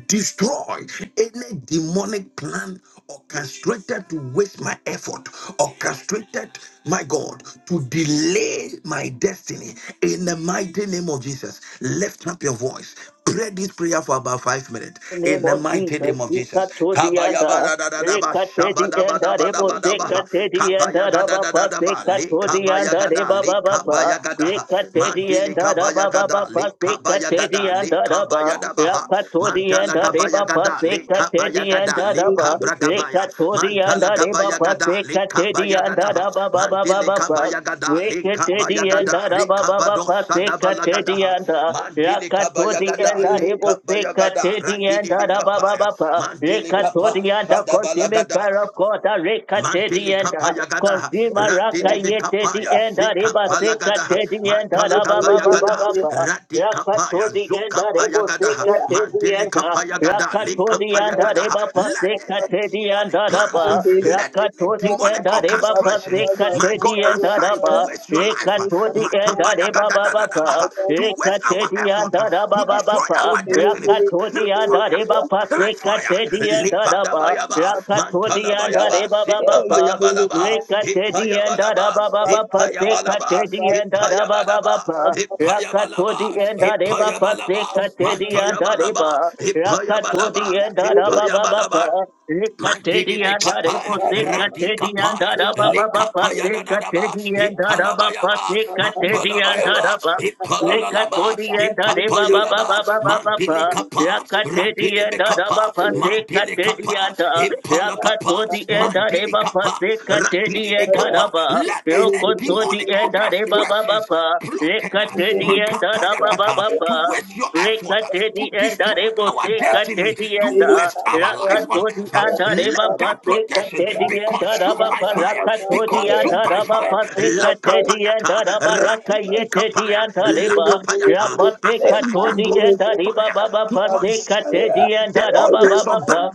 A: destroy any demonic plan orchestrated to waste my effort, orchestrated my God, to delay my destiny in the mighty name of Jesus. Lift up your voice. Pray this prayer for about five minutes
E: name
A: in the
E: of
A: mighty
E: Jesus,
A: name of Jesus.
E: Sukatodi and
A: Kabayabadadadadaba,
E: Rekatedi and Arebo
A: shabadabadabadabadabaha,
E: Sekatedi and Araba
A: kabayagadadadadaba,
E: Pasekatodi and
A: lekabayagada,
E: Areba Baba
A: lekabayagada,
E: Rekatedi
A: mandele
E: and Araba Baba
A: kabayagada, lekabayagada,
E: Pasekatedi
A: gada
E: and
A: le
E: Araba
A: kabaya dabaha
E: Rakatodi and
A: mantala gabaya
E: Areba
A: gada le kabaya
E: Pasekatedi and
A: gada le
E: Araba
A: kabra kabaya
E: Rekatodi and
A: mantala
E: Areba
A: gabaya gada le
E: Pasekatedi
A: kabaya
E: and
A: gada ha
E: Araba Baba
A: mantele
E: Baba
A: kabaya gada le
E: Weketedi
A: kabaya
E: enda
A: gada re
E: raba baba
A: kabado
E: paseka
A: sadabala gada
E: tedi
A: ha
E: enda
A: mantele kabaya
E: rakatodi
A: gada
E: enda
A: le
E: rebo
A: kabaya
E: seka
A: gada
E: tedi
A: ratidi
E: enda
A: bi
E: raba
A: kapaya
E: baba pa
A: mantele kapa
E: rekatodi enda
A: sadabala
E: consume
A: gada
E: fire of God rekatedi
A: Mantele
E: enda
A: kapaya gada,
E: consume raka
A: ratele be
E: yetedi
A: kapaya,
E: enda reba
A: zekapala
E: seka
A: gada,
E: tedi enda
A: mantala
E: raba
A: gabaya
E: baba
D: Thank
A: gada,
E: baba pa
A: rati kapaya,
E: Rakatodi and
A: zokapaya
E: Arebo
A: gada,
E: Seka Tedi
A: mantele
E: and
A: kapaya gada, le
E: Rakatodi
A: kapaya
E: and
A: gada.
E: Areba
A: Let
E: Paseka
A: any
E: Tedi
D: you.
E: and
A: demonic plans,
E: Araba
D: Bandeli
A: let any
D: kosia
E: Rakatodi and
A: demonic
D: kada
E: Areba
D: baba
A: orchestration,
D: baba
E: Paseka
A: my
D: baba
A: God,
E: Tedi
D: baba
E: and
A: assigned
D: ya
A: to
E: Araba
A: waste your life,
E: Rekatodi
D: nisata
E: and
D: ya
A: makabaya
D: mana
E: Areba
A: gada da
E: Baba
A: da
D: nika
A: da ba,
D: baba
A: to
D: baba
A: waste our
E: Rekatedi
A: effort,
E: and
D: mama
A: to
E: Araba
D: ya
E: Baba
A: destroy
D: ni
A: our
D: bili
A: destiny.
D: bili
A: Catch
D: bili
E: Rakatodi and
D: bili bili
A: fire.
E: Areba
A: Catch
D: Afrika
E: Paseka
A: fire.
E: Tedi
D: baba
E: and Araba
D: baba
A: Lipadabayaba.
D: baba baba
E: Rakatodi and
D: ya
A: Mantalabayaba.
E: Areba
D: ya ni
E: Baba
D: bili
A: Sikabayabalaba.
D: kaya mama
E: Rekatedi and
D: ya
A: Ipayabalaba.
D: baba
E: Adababa
D: baba ya
A: Ipayabalaba.
D: baba
E: Sekatedi and
D: baba ya
A: Ipayabalaba.
E: Adababa
D: baba baba
A: Ipayabalaba.
E: Rakatodi
D: mama
E: and
D: baba
E: Adeba
D: ya baba
A: Ipayabalaba.
D: baba ya
E: Sekatedi and
D: ni
A: Mantayabalaba.
E: Adeba
A: Ipayabalaba.
E: Rakatodi and Adababa
A: Ipayabalaba. Mantini
E: Rekatedi
A: be
E: and Adebo
A: kapaya, randi
E: Sekatedi and
A: kapaya, le
E: Adababa
A: kapaya da da da ba,
E: Sekatedi and
A: itala ba ya
E: Adaba
A: ba,
E: Sekatedi
A: mantala ba
E: and
A: ya ba,
E: Adaba
A: itala la la ba,
E: Rekatoria da de ba
A: ikapaya
E: ba
A: la
E: ba ba
A: ba,
E: ba ba ba
A: mantili
E: ba.
A: kapa, randi
E: Rakateria
A: be
E: da da ba
A: kapa,
E: pa se
A: mantili
E: kateria
A: kapa,
E: da.
A: ipala kapa,
E: Rakatoria da de
A: mantili
E: ba pa
A: kapa,
E: se
A: randi
E: kateria
A: be
E: da da
A: kapa.
E: ba.
A: Let any demonic
E: Rokotoria da
D: Thank
E: de ba ba ba
A: orchestrations
E: ba.
D: you.
A: plotted uh,
D: Mandele
E: Rekateria da da
D: Bosia
E: ba ba
A: makapayakata,
E: ba
D: Kaya
A: to
E: ba.
A: waste
D: Mama
A: your effort, uh,
D: Iba
A: to
E: Rekatedi
D: Baba
E: and
A: destroy
D: Baba
E: Arebo
A: our
E: se
D: Ya
A: destiny,
E: Katedi
A: to
E: and
D: Mandele
A: waste our
D: Kapaya
A: life on
E: Rakatodi
D: Mama
A: earth. uh,
E: and
D: Ya
E: Areba
D: Iba
A: Let that
D: Baba
E: Pase
A: protection
D: Baba
E: Katedi
A: be
E: and
D: Ya
A: consumed
E: Araba
A: by
D: Baba Baba
A: fire, be
D: Baya Baba
E: Parakatodi and
D: Ya
A: consumed by
E: Araba
D: Iba
A: fire.
E: Pase Katedi and
A: Lakapayata,
E: Araba
D: Baba Baba Ya
E: Rakayetedi
A: ratidibikapaya,
E: and Areba
A: lakapayata, as
E: Rapase
A: Elijah
E: Katodi
A: called
E: and
A: for
E: Areba
A: fire
E: Baba
A: to
E: Pase
A: consume
E: Katedi and
A: the
E: Araba
A: altars
E: Baba
A: of Baal
E: pa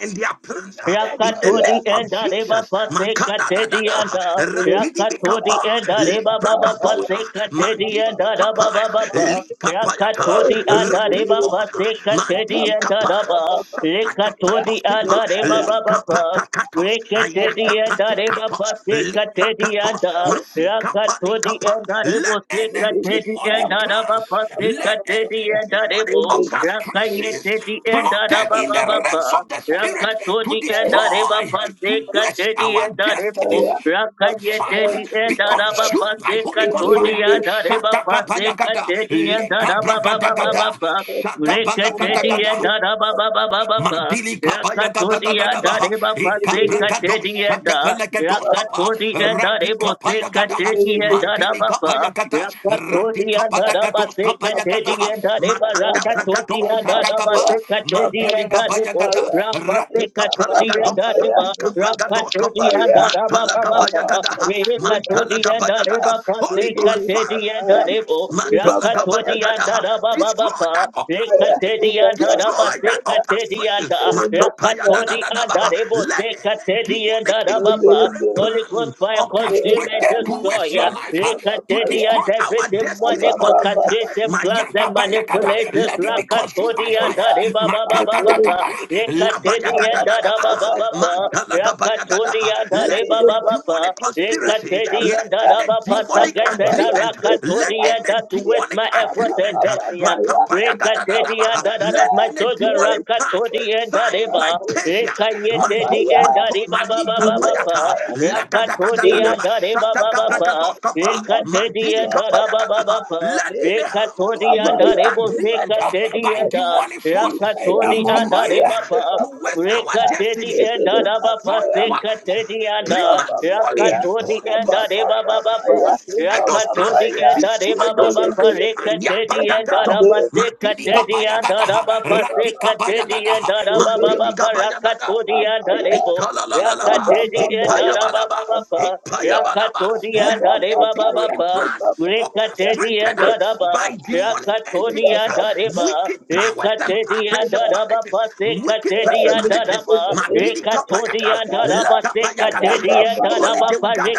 A: and their plans, uh, in the
E: Rakatodi
A: name of
E: and Areba
A: Jesus.
E: Pase Katedi and
A: Makadadadada,
E: Rakatodi
A: ratidibikapa,
E: and Areba Baba
A: Librakadosa,
E: Pase Katedi and
A: Mandidi
E: Araba
A: Kapaya,
E: Baba
A: Likapayata,
E: Rakatodi and Areba
A: Rakidimosa,
E: Pase Katedi
D: Baba,
A: Mandidi
E: and
A: Kapa,
D: Baba,
E: Araba Rekatodi and
A: Satakapatoskipa,
E: Areba Baba
A: Likapatakatos,
E: Rekatedi and Areba
A: Ayakapatikatos,
E: Pase Katedi and
A: Librakatos,
E: Rakatodi
A: Masikapalikapa.
E: and
A: Let
E: Arebo Se
A: any
E: Katedi and
A: demonic
E: Araba
A: plans,
E: Pase
A: let
E: Katedi
A: any
E: and
A: demonic
E: Arebo
A: orchestrations
E: Rakayetedi and
A: plotted
E: Araba
A: in the
E: Baba
A: realms of the spirit to
E: Rakatodi and
A: destroy,
E: Arebapa
A: to
E: Seka
A: waste
E: Teddy
A: our
E: and Arebo,
A: destinies, fire
E: Rakayetedi
A: be
E: and
A: consumed
E: Arabapa
A: by
E: Seka
A: Holy Ghost fire.
E: Todi and Arebapa Seka
A: Shadagabayagada,
E: Teddy and Arababa
A: lekabragadagada,
E: Baba Reketedia
A: shadabalagada,
E: da da ba ba ba ba ba ba.
A: Mandili kabaya gada da da
E: Rakatodia
A: da
E: da re
A: baha.
E: ba ba se
A: Ikabra gado
E: katedia da.
A: shatefele gado kapa.
E: Rakatodia da re
A: Rati
E: bo se
A: kapaya gada ha.
E: katedia da da
A: Mandili
E: ba ba.
A: kapaya gada. Rati
E: Rakatodia da
A: kapata
E: da ba
A: gado
E: se
A: kapaya gada ha.
E: katedia da de ba.
D: Baba,
A: Makata
D: baba,
A: vragado
D: baba,
E: Rakatodia da
A: shata
E: da ba
A: kapa.
E: se
D: baba, Baba,
E: katedia
A: Mandili
E: da de
A: kabaya
E: bo.
A: gada.
D: Baya,
E: Rapa se
A: Rati
D: Eka
A: kapala
D: Baba,
E: katodia
A: gado
E: da de
D: Baya,
E: ba.
A: shati
D: Eka
A: kabra
D: Baba,
A: gado kapa.
E: Rakatodia
D: Baya,
E: da da ba
D: Eka
A: Mantala
E: ba ba
A: kabaya
D: baba
E: ba.
A: gada
D: Baya,
A: ha.
D: Eka baba
A: Mantala
E: Rekatodia da
A: kabaya
E: re
D: Baya,
A: gada.
E: ba ba
A: Holy
E: se
D: Eka
A: Ghost
D: baba
A: fire.
E: katedia da
D: Baya,
E: de bo.
D: Eka baba Baya,
E: Rakatodia da
A: Matalagabayagadaha.
E: da ba ba
A: Destroy
E: ba
A: that
E: ba.
A: orchestration.
D: Eka
E: Ekatedianda
D: baba
E: raba
A: Destroy that
D: Baya,
A: orchestration.
E: sekatedianda
D: Eka baba
E: rakatodianda
D: Baya,
A: Makapayadadadadabaha.
E: rebo
A: Let any demonic
E: sekatedianda
D: they're Very
E: rababa.
A: engineering
D: good.
E: Holy
A: plan
E: Ghost fire
D: They're Very
E: consume and
A: orchestrated
D: firm.
E: destroy.
A: towards your life huh, to
D: Ababaya.
A: destroy
E: Ekatedianda every
A: our destinies on
E: demonical
A: earth. huh.
E: castration
D: Ababababaya.
E: plans and
A: Mayagapayagada.
E: manipulators
A: Let it be consumed by fire.
E: rakatodianda
D: Abababababaya.
E: rebaba
D: My
E: baba
D: very
E: baba.
A: Makadadadadada.
D: good.
E: Ekatedianda
A: Labayagadadadabaha.
E: raba baba
D: Abababababaya.
E: baba. Rakatodianda
D: They
A: Let
D: very
A: any
E: rebaba
D: good.
E: baba.
A: demonic conspiracy, let
E: Ekatedianda
D: Ababaya.
A: any
E: raba pasa
A: demonic
E: gete da
D: Abababaya.
A: agreement,
D: They
A: let
D: fire.
A: any
E: rakatodianda to
D: Maya.
E: waste
A: demonic
E: my effort and
A: agreement, uh,
E: destiny.
D: Ababababaya.
E: Rekatedi and
A: makapayagadadadabaha.
E: that
D: Ababababaya.
A: let
E: of my
A: any
E: soldier
A: demonic
D: Yes,
A: pact
E: Rakatodi and
A: sign
E: Dariba.
A: like Persia.
D: yes.
A: My
E: Rekayetedi
A: God, my
E: and
D: Ababaya.
A: God,
E: Dariba Baba
A: Malika
D: Dele
E: Baba
A: Payata,
E: Pa.
D: maya
E: Rakatodi
D: dele
E: and
A: Lagadagadadadaba,
E: Dariba
D: baba
E: Baba
D: baba
E: Pa.
D: le
A: Shatagabragadoskapa,
D: baba
E: Rekatedi and
A: Mandilika
D: baba baba
E: Daraba
A: Payagadaha.
D: ya
E: Baba Pa.
A: let
D: le
A: any
D: kaya
A: household
E: Rekatodi
D: baba
A: wicked
E: and
D: ya
E: Daribo
D: le
A: agreement
D: baba
A: uh,
D: baba
E: Sekatedi
A: by
E: and
D: ya
A: demonic
D: le
A: forces
D: kaya
E: Rakatodi and
D: mama
A: engineered
D: ya
A: uh,
E: Dariba
D: le
E: Pa.
A: to
D: baba
A: waste
D: baba
A: our
D: ya
E: Rekatedi
D: le
A: destiny,
E: and
D: sede
A: to
E: Adaba
D: baba
A: destroy
D: ya
A: our lives uh,
E: Pasekatedi
D: le
E: and
D: baba
E: uh,
D: baba ya
A: prematurely.
E: Rakatodi
A: Holy
E: and
A: Ghost
D: baba
E: Adeba
A: fire,
D: baba ya
E: Baba
D: le
A: destroy
D: baba
A: those
D: baba
A: plans,
E: Rakatodi
D: ya
E: and
D: le
A: destroy
E: Adeba
A: those
E: Baba
D: bele
A: plans.
D: bele bele bele
E: Rekatedi and
D: ma
A: Ayabadadados,
E: Adaba
D: bele bele
A: Matini
D: bele
E: Sekatedi and
A: Gabayagadaha,
E: Adaba
D: le baba
A: Ratika
E: Pasekatedi and
A: Bayagadaha,
E: Adaba
D: baba
A: Matini
E: Baba
A: Gabayagadaha.
E: Rakatodi and
D: Ababaya,
E: Adebo
A: Italalalaba,
D: Abababaya,
E: Rakatedi and Adaba
A: ipayabalaba,
E: Baba
D: Ababaya,
A: ipayabalaba.
E: Rakatodi and
A: Let
E: Adeba
A: the
D: Abababaya,
A: demonic
E: Baba
A: plans
D: Ababaya,
E: Rekateria
A: orchestrated uh,
E: daraba,
A: by demonic
D: Ababaya,
E: rakatoria
A: entities, uh,
E: dareba,
A: wicked powers and pa-
E: rekateria
D: Ababaya,
E: daraba,
A: principalities, wicked
E: pasekateria
A: personalities,
E: daraba,
D: Ababaya,
A: Madidi Kapayaka,
E: rekatoria
D: babaya,
E: daraba,
A: Lakapayakada.
E: sekateria
A: Surely
D: bababaya,
E: daraba,
A: they will gather,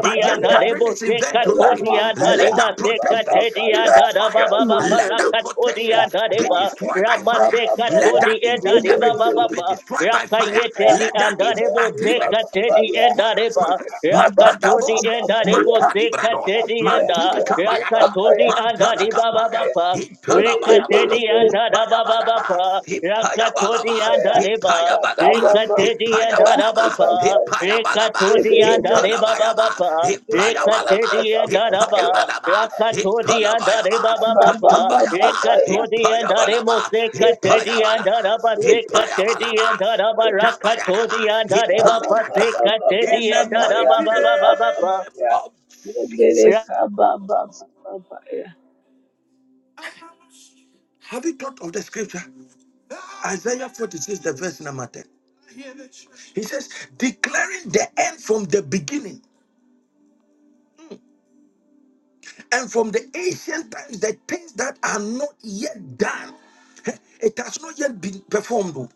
A: but their gathering
E: darebo,
A: is event tonight
D: ikaya
A: tonight,
E: sekatoria
D: mamaya,
A: let that protection
E: dareba, dia
D: bababaya,
E: da
A: catch
E: da
A: fire.
E: ba ba ba
A: Let
D: emandele
A: that
E: parakato dia
D: kusiya
A: protection
E: da de
A: be
D: kaya
E: ba
D: maya,
A: destroyed by fire.
E: ramaseka to
A: Let
D: bababaya,
E: di
A: that
E: e da di ba
D: lebele
A: engineering
E: ba ba
D: bele
A: be
E: ba
A: destroyed by fire.
E: rakayete
D: ikaya
E: di
A: Let that
E: anda de
A: evil
D: mamaya,
E: bo
A: agreement
E: seka te
A: be
E: di e
D: bababaya,
E: da
A: destroyed by
E: de ba
A: fire.
D: eka
A: Makada
E: rakato di
A: bosa,
E: e da de bo
D: bababababaya,
A: makadi
E: seka
A: brados,
E: te di e
D: kapaya
E: da
A: mandili
D: maya,
A: kabayata,
E: rakato di
D: babaya
E: anda
A: mandala
E: di ba ba ba
A: kapaya,
D: maya,
E: ba
A: itala
D: lebele bele
E: Rekatedi
D: bele,
E: and
A: bayaba,
E: Hadababapa, Rakatodi
A: Hippayabalaba,
E: and
D: bababaya,
E: Hadeba,
A: hippayabalaba,
E: Rekatedi and
D: bababababaya,
A: hippayabalaba,
E: Hadabapa,
D: babaya.
A: hippayabalaba,
E: Rekatodi
D: Mandere
E: and
D: bosia,
A: hitalabayaba,
E: Hadebabapa,
D: baba
A: hippayabalaba,
E: Rekatedi
D: baba
E: and Hadaba,
A: hippayabalaba,
E: Rakatodi and
A: hitalabayaba,
E: Hadebabapa,
A: katabayaba,
E: Rekatodi and
A: hippayabalaba,
E: Hademose Katedi and
A: hippayabalaba,
E: Hadaba Sekatedi and
A: hippayabalaba,
E: Hadaba
A: atabayaraba,
E: Rakatodi and Hadebapa
A: hippaliata. In
E: Sekatedi
D: baba,
E: and
A: the
E: Hadababapa.
A: name of Jesus.
D: baba
A: Have you thought of the scripture? Isaiah 46, the verse number 10. He says, declaring the end from the beginning Mm. and from the ancient times, the things that are not yet done. Hey, It has not yet been performed. oh.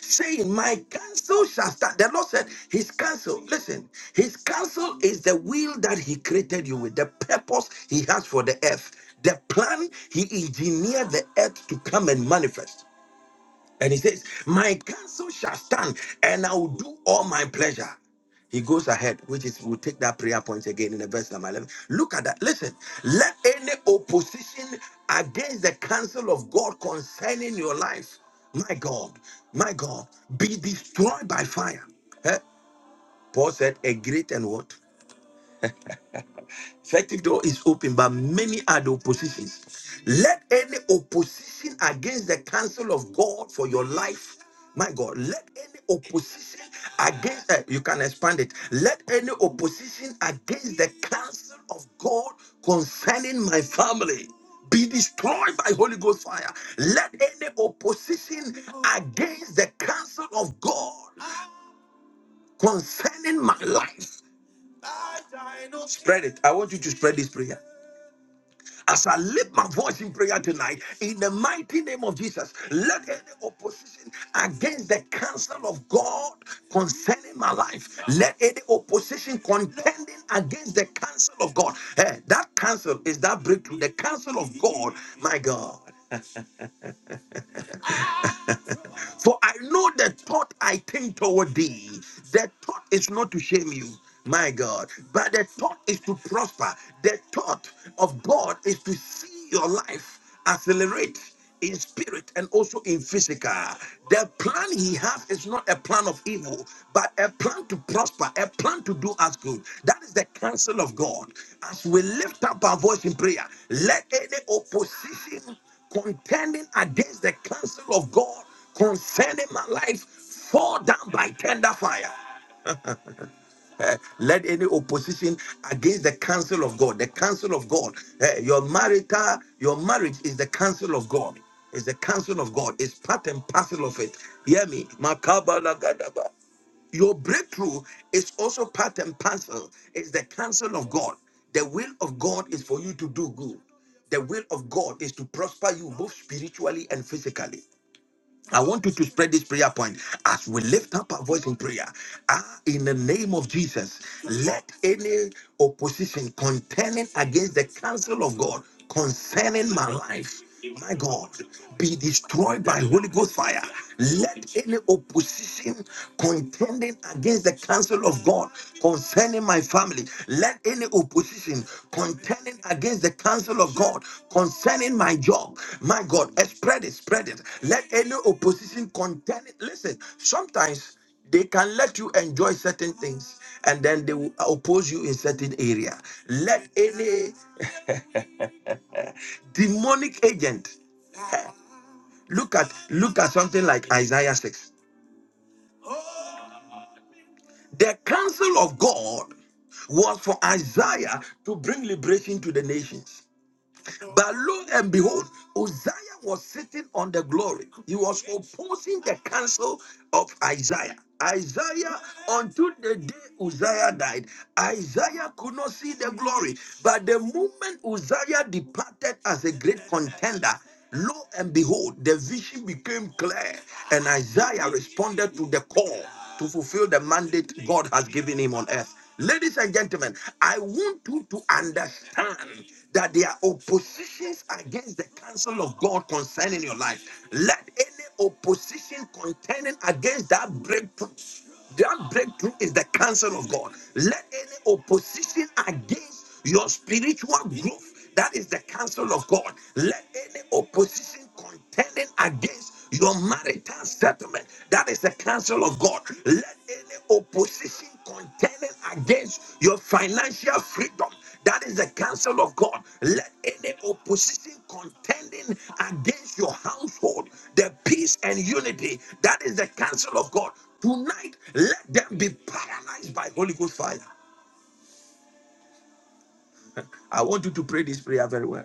A: Saying, My counsel shall stand. The Lord said, His counsel, listen, His counsel is the will that He created you with, the purpose He has for the earth, the plan He engineered the earth to come and manifest. And he says, My counsel shall stand, and I will do all my pleasure. He goes ahead, which is we'll take that prayer point again in the verse number 11. Look at that. Listen, let any opposition against the counsel of God concerning your life, my God, my God, be destroyed by fire. Eh? Paul said, A great and what? Effective door is open, but many are the oppositions. Let any opposition against the counsel of God for your life, my God, let any opposition against, eh, you can expand it, let any opposition against the counsel of God concerning my family be destroyed by Holy Ghost fire. Let any opposition against the counsel of God concerning my life spread it. I want you to spread this prayer. As I lift my voice in prayer tonight, in the mighty name of Jesus, let any opposition against the counsel of God concerning my life, let any opposition contending against the counsel of God, eh, that counsel is that breakthrough, the counsel of God, my God. For I know the thought I think toward thee. The thought is not to shame you, my God, but the thought is to prosper. The thought of God is to see your life accelerate in spirit and also in physical. The plan he has is not a plan of evil, but a plan to prosper, a plan to do us good. That is the counsel of God. As we lift up our voice in prayer, let any opposition contending against the counsel of God concerning my life fall down by tender fire. Eh, let any opposition against the counsel of God, the counsel of God, eh, your marital, your marriage is the counsel of God. It's the counsel of God. It's part and parcel of it. Hear me. Makabalakadaba. Your breakthrough is also part and parcel. It's the counsel of God. The will of God is for you to do good. The will of God is to prosper you both spiritually and physically. I want you to spread this prayer point as we lift up our voice in prayer. Ah, in the name of Jesus, let any opposition contending against the counsel of God concerning my life, my God, be destroyed by Holy Ghost fire. Let any opposition contending against the counsel will of God concerning my family. Let any opposition contending against the counsel of God concerning my job, my God, eh, spread it, spread it. Let any opposition contending. Listen, sometimes they can let you enjoy certain things and then they will oppose you in certain area. Let any demonic agent look at look at something like Isaiah 6. The counsel of God was for Isaiah to bring liberation to the nations. But lo and behold, Uzziah was sitting on the glory. He was opposing the counsel of Isaiah. Isaiah, until the day Uzziah died, Isaiah could not see the glory. But the moment Uzziah departed as a great contender, lo and behold, the vision became clear, and Isaiah responded to the call to fulfill the mandate God has given him on earth. Ladies and gentlemen, I want you to understand that there are oppositions against the counsel of God concerning your life. Let any opposition contending against that breakthrough, that breakthrough is the counsel of God. Let any opposition against your spiritual growth, that is the counsel of God. Let any opposition contending against your marital settlement, that is the counsel of God. Let any opposition contending against your financial freedom, that is the counsel of God. Let any opposition contending against your household, the peace and unity, that is the counsel of God. Tonight, let them be paralyzed by Holy Ghost fire. I want you to pray this prayer very well.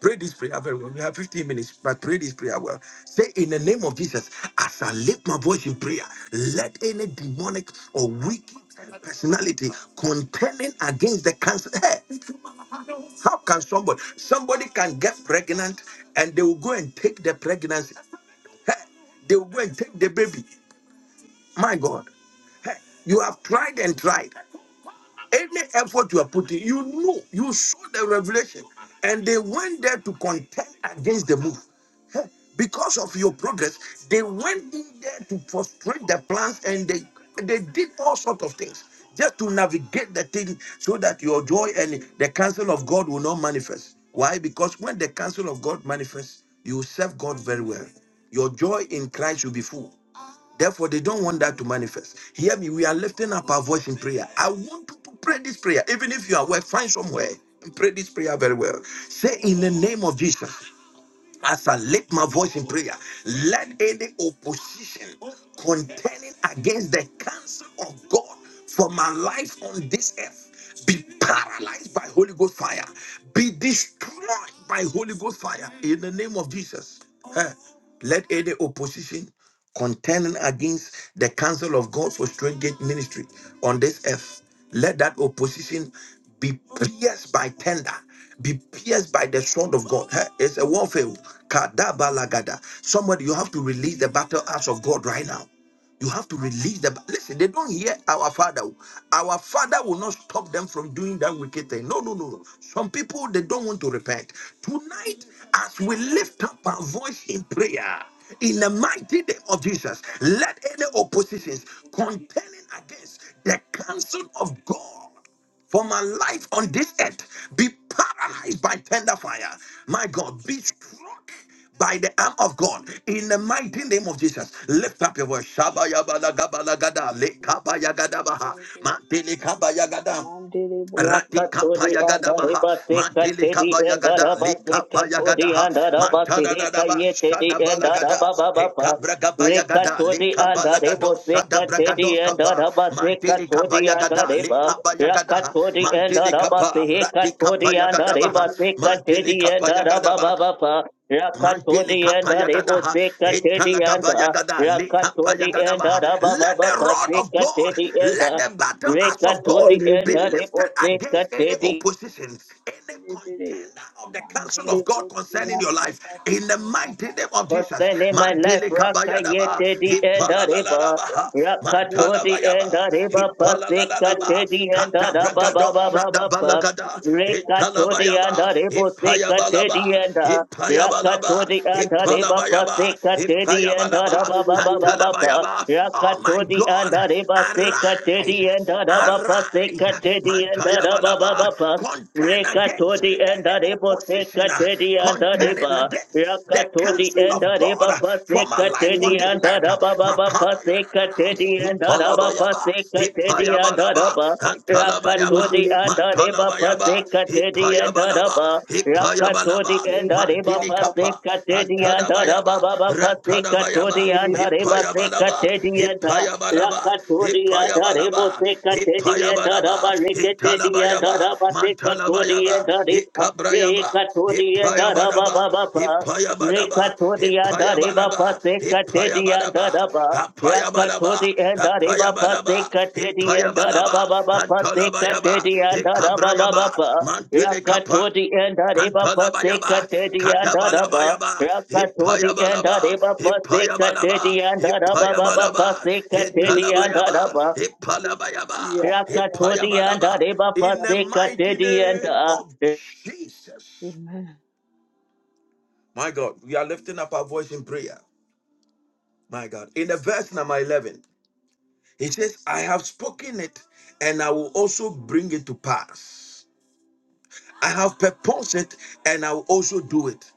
A: Pray this prayer very well. We have 15 minutes, but pray this prayer well. Say, in the name of Jesus, as I lift my voice in prayer, let any demonic or wicked personality contending against the cancer. Hey, how can somebody? Somebody can get pregnant and they will go and take the pregnancy. Hey, they will go and take the baby. My God. Hey, you have tried and tried. Any effort you are putting, you know, you saw the revelation, and they went there to contend against the move. Heh, Because of your progress, they went in there to frustrate the plans and they they did all sorts of things just to navigate the thing so that your joy and the counsel of God will not manifest. Why? Because when the counsel of God manifests, you serve God very well. Your joy in Christ will be full. Therefore, they don't want that to manifest. Hear me, we are lifting up our voice in prayer. I want to pray this prayer, even if you are at work, find somewhere and pray this prayer very well. Say, in the name of Jesus, as I lift my voice in prayer, let any opposition contending against the counsel of God for my life on this earth be paralyzed by Holy Ghost fire, be destroyed by Holy Ghost fire in the name of Jesus. Eh, Let any opposition contending against the counsel of God for straight gate ministry on this earth, let that opposition be pierced by tender, be pierced by the sword of God. Eh, It's a warfare. Kadabalagada. Somebody, you have to release the battle axe of God right now. You have to release the. Listen, they don't hear our father. Our father will not stop them from doing that wicked thing. No, no, no. no. Some people, they don't want to repent. Tonight, as we lift up our voice in prayer, in the mighty name of Jesus, let any oppositions contending against the counsel of God for my life on this earth be paralyzed by tender fire. My God, be struck by the arm of God in the mighty name of Jesus. Lift up your voice. Shabayabalaga balagada, lekabayagada baha, mantele Ratika
E: Rakatodi and
A: payagadabaha,
E: Arabasi
A: matili
E: Katedi and
A: kabayagada,
E: Arabasi
A: lika
E: Katodi
A: payagadaha,
E: and
D: baba
E: Arabasi
A: matadadadaba,
E: Hekayetedi and
A: shadabalagada,
E: Arabababa
D: baba,
A: ekabragabayagada,
D: Thank
E: Rekatodi
A: lika
E: and
A: balagado,
E: Arabasi Katedi
A: shadabragados
E: and
A: kapa,
E: Arabasi
A: matili
E: Katodi and
A: kabayagada,
E: Araba
A: lika bayagadaha,
E: Rakatodi and
A: mantili
E: Arabasi
A: kapa, ratika
E: Hekatodi and
A: payagadabaha,
E: Arabasi
A: mantili
E: Katedi and
A: kapayagadabaha,
E: Arabababa
A: Mantele
E: Rakatodi and
A: kapaya gadaha,
E: Arabasi
A: etala
E: Katedi and
A: kapaya gada, le kapaya
E: Rakatodi and
A: gadabaha. Let
E: Arabababa
A: the rod
D: you.
A: of God,
E: Katedi
A: let
E: and
A: the battle axe of God
E: Rekatoti and
A: be lifted
E: Haribose
A: against any
E: Katedi.
A: opposition, any contender of the counsel of God concerning your life. In the mighty name of
E: First
A: Jesus,
E: time in my life,
A: Mantele kapaya
E: Rakayete
A: daba,
E: the and
A: ipala la la la
E: Hariba.
A: baha, mantala
E: Rakatodi
A: bayaba,
E: and Hariba
A: ipala la
E: Pase
A: la la ba,
E: Katedi and
A: kadabra
E: Harababa
A: gado,
E: Baba
A: shadabala
E: Baba.
A: gada, itala
E: Rekatodi and
A: bayaba,
E: Haribose
A: ipaya
E: Katedi and
A: balaba. Ipayabalaba,
E: Rakatodi and Hariba
A: Ipalabayaba,
E: Paseka Teddy and
A: Ipayabalaba,
E: Haraba Baba Baba Pa.
A: Antalabayaba. Oh my
E: Rakatodi and
A: God,
E: Hariba Seka
A: arise,
E: Teddy and Haraba
A: arise,
E: Paseka Teddy and
A: Mantaya
E: Haraba
A: balaba,
E: Baba Pa.
A: Contend against
D: Thank
E: Rekatodi and
A: any
D: you.
E: Haribo Seka
A: opposition, uh,
E: Teddy and
A: contending
E: Hariba.
A: against the
E: Rakatodi
A: counsel
E: and
A: of God
E: Hariba
A: uh, for my
E: Paseka
A: life on this
E: and
A: earth. uh,
E: Haraba Baba Paseka
A: Makabayadadada,
E: Teddy and Harabapa,
A: Italabayaba,
E: Sekatedi di
A: Ipayabalaba,
E: andaraba rakato di
A: Antalabayaba,
E: andareba
A: Mantalabayaba,
E: pasekate di
A: Ipayabalaba,
E: andaraba rakato di
A: Ipayabalaba,
E: andareba
A: Mandilikapa,
E: pasekate di andaraba
A: Antadabayaba,
E: baba pasekato
A: Rantadabayaba,
E: di andareba
A: Ipayabalaba,
E: sekate di andar
A: Ipayabalaba,
E: rakato di andarebo
A: Ipayabalaba,
E: sekate di andaraba
A: Ipayabalaba,
E: rekete di
A: Italabayaba,
E: andaraba sekato
A: Mantalabayaba, Ikabrayaba. Ipayabadaba,
E: baba
A: Ipayabadaba,
E: Rekatodia dareba
A: Ipayabadaba,
E: pase katedia
A: Ipayabadaba,
E: daraba.
A: Apayabadaba,
E: Rakatodia dareba pase
A: Apayabadaba,
E: katedia
A: Ipayabalaba,
E: daraba baba pase
A: Antolabayaba,
E: katedia daraba
A: Ikabrayaba,
E: baba pa.
A: Mantili Kapa.
E: Rakatodia dareba pase
A: Antalabayaba,
E: katedia daraba.
A: Katabalabayaba,
E: Rakatodia
A: Ipayabalaba,
E: dareba pase
A: Ipayabalaba,
E: katedia daraba baba
A: Ipayabalaba,
E: pase katedia
A: Italabayaba,
E: daraba.
A: Ipalabayaba,
E: Rakatodia
A: Ipayabalaba.
E: dareba
A: In the
E: pase
A: mighty
E: katedia
A: name of
E: daraba.
A: Jesus.
D: Amen.
A: My God, we are lifting up our voice in prayer. My God. In the verse number 11, he says, I have spoken it and I will also bring it to pass. I have purposed it and I will also do it.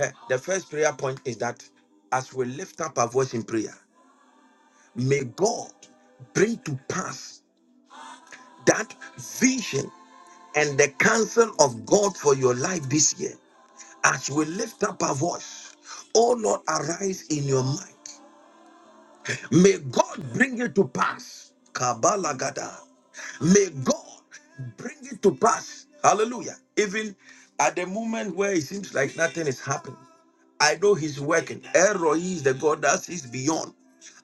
A: Eh, The first prayer point is that as we lift up our voice in prayer, may God bring to pass that vision and the counsel of God for your life this year. As we lift up our voice, oh Lord, arise in your might. May God bring it to pass. Kabalagada. May God bring it to pass. Hallelujah. Even at the moment where it seems like nothing is happening, I know He's working. Eroi is the God that sees beyond.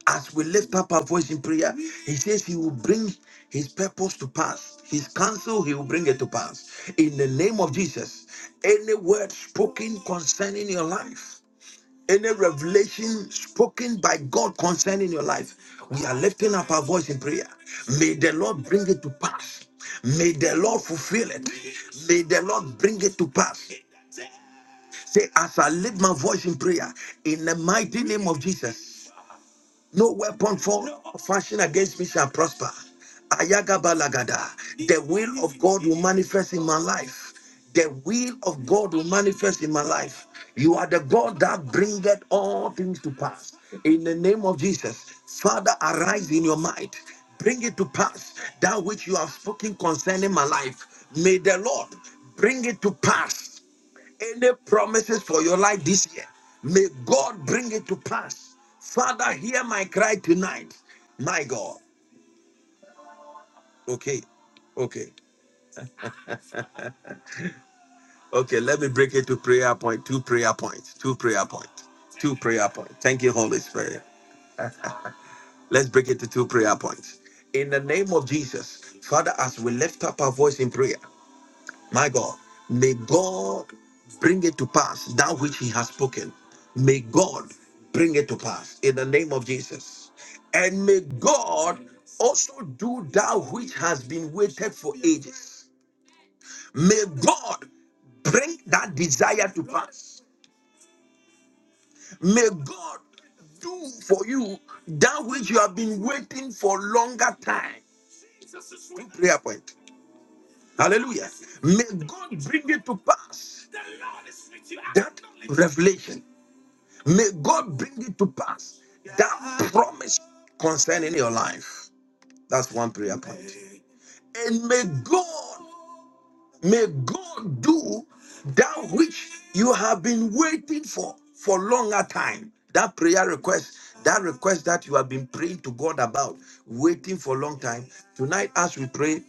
A: As we lift up our voice in prayer, He says He will bring His purpose to pass. His counsel, He will bring it to pass. In the name of Jesus, any word spoken concerning your life any revelation spoken by God concerning your life, we are lifting up our voice in prayer. May the Lord bring it to pass. May the Lord fulfill it. May the Lord bring it to pass. Say, as I lift my voice in prayer, in the mighty name of Jesus. No weapon formed or fashioned against me shall prosper. Ayagabalagada. The will of God will manifest in my life. The will of God will manifest in my life. You are the God that bringeth all things to pass. In the name of Jesus, Father, arise in your might. Bring it to pass that which you have spoken concerning my life. May the Lord bring it to pass any promises for your life this year, may God bring it to pass. Father, hear my cry tonight. My God. Okay. Okay. Okay. Let me break it to prayer point. Two prayer points. Two prayer points. Two prayer points. Thank you, Holy Spirit. Let's break it to two prayer points. In the name of Jesus, Father, as we lift up our voice in prayer, My God, may God bring it to pass that which He has spoken. May God bring it to pass in the name of Jesus. And may God also do that which has been waited for ages. May God bring that desire to pass. May God do for you that which you have been waiting for longer time. Two prayer points. Hallelujah. May God bring it to pass that revelation. May God bring it to pass that promise concerning your life. That's one prayer point. And may God, may God do that which you have been waiting for for longer time. That prayer request, that request that you have been praying to God about, waiting for a long time. Tonight, as we pray,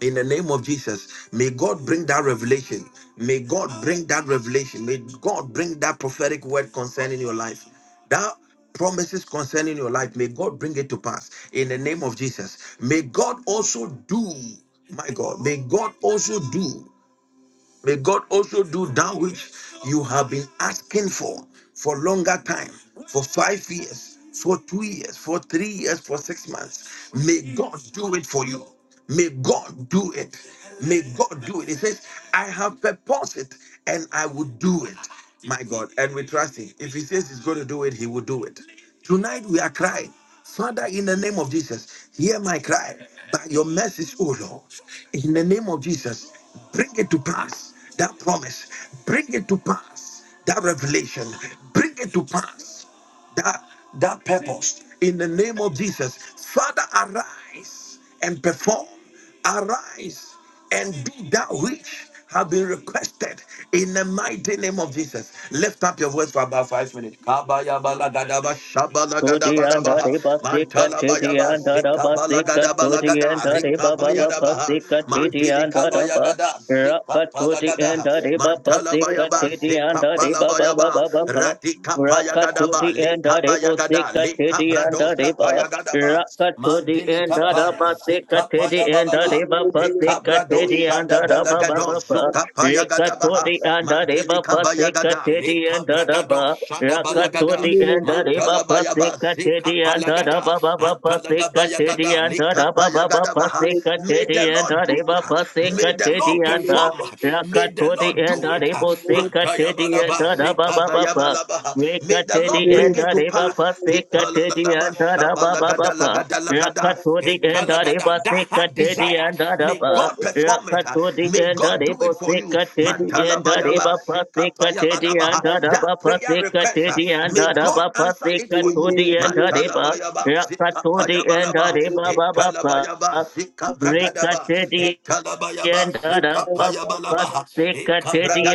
A: in the name of Jesus, may God bring that revelation. May God bring that revelation. May God bring that prophetic word concerning your life. That promises concerning your life, may God bring it to pass in the name of Jesus. May God also do, my God, may God also do. May God also do that which you have been asking for for longer time, for five years, for two years, for three years, for six months. May God do it for you. May God do it. May God do it. He says, I have purposed it and I will do it. My God. And we trust him. If he says he's going to do it, he will do it. Tonight we are crying. Father, in the name of Jesus, hear my cry by your message, O Lord. In the name of Jesus, bring it to pass that promise, bring it to pass that revelation, bring it to pass that that purpose in the name of Jesus. Father, arise and perform. Arise and be that which have been requested in the mighty name of Jesus. Lift up your voice for about five minutes. Kabayabalagadaba,
E: Suji and
A: shabalagadabaha,
E: Hari Basika
D: Thank
E: Titi
A: mantalabayaba,
E: and Harabasika Suji and
A: sikabalagadabalagada,
E: Hari Baba
A: rikabayadabaha,
E: Pasika Titi and Haraba
A: mantilikabayagada,
E: Raka Suji and
A: sikapalagada,
E: Hari Basika
A: mantalabayaba,
E: Titi and Baba
A: sikapalabayaba,
E: Baba Baba Raka
A: yagadaba,
E: Suji
A: le
E: and Hari
A: kaba yagada,
E: Basika
A: le
E: Titi and
A: kabrados kapa
E: Hariba
A: yagadaba,
E: Raka Suji
A: mandili
E: and
A: kapaya,
E: Harabasika
A: zikapa
E: Titi and
A: yabalaba,
E: Hariba
A: e
E: Pasika
A: kabrados
E: Titi
A: sadaba
E: baba Haraba
A: lagados,
E: Baba
A: zukapa yagadaba,
E: Ikatodi and the end of the
A: mandili
E: river
A: kaba
E: Pasika
A: yagada, le
E: Teddy and the
A: kabragados
E: Daba.
A: sadaba lagada,
E: Rakatodi and the end of the river
A: matalaba yaba,
E: Pasika to the
A: zikapa
E: end of the
A: lagada,
E: Daba Baba
A: antalagaba
E: Pasika to the
A: yagada,
E: end of
A: le
E: the
D: you.
A: kapa
E: Daba Baba
A: yagadaba.
D: Thank
E: Pasika
D: you.
E: to
A: May the
E: the end
A: Lord
E: of the
A: do.
E: river
A: May
E: Pasika
A: the
E: Teddy
A: Lord
E: and the
A: perform. May the Lord
E: end
A: do
E: of the
A: it.
E: river Sika
A: Mantaya
E: Teddy and
A: balaba,
E: the Daba
A: zika
E: Baba
A: baya
E: Baba.
A: balaba.
E: Wake
A: May
E: a
A: the
E: teddy
A: Lord bring
E: and
A: it
E: the
A: to
E: river
A: pass.
E: Pasika Teddy the
A: Ipalalaba,
E: end of the
A: shabalagada,
E: Baba.
A: lagada, lagada,
E: Yakatu the end Yakatodi and
A: italagada. That
E: Arabasika
A: heart
E: Teddy
A: desire,
E: and
A: may
E: Araba.
A: God perform it.
E: Yakatodi
A: May
E: and
A: God do it for you.
E: Arabosika Teddy and
A: Mantalabayaba,
E: Araba Pasika Teddy and
A: zikapayabadaba. That
E: Araba
A: prayer
E: Pasika Teddy
A: request,
E: and
A: may God
E: Araba
A: answer it
E: Pasika
A: for you you.
E: Todi and
D: Thank you.
E: Araba.
A: Mantalabayaba,
E: Yakatodi and
A: Zikapayabalaba,
E: Araba Baba.
A: Italabayaba,
E: Baba Rika
A: Zikabragadaba,
E: Teddy.
A: Italabayaba,
E: Sekatedi
A: Zikapayabalaba,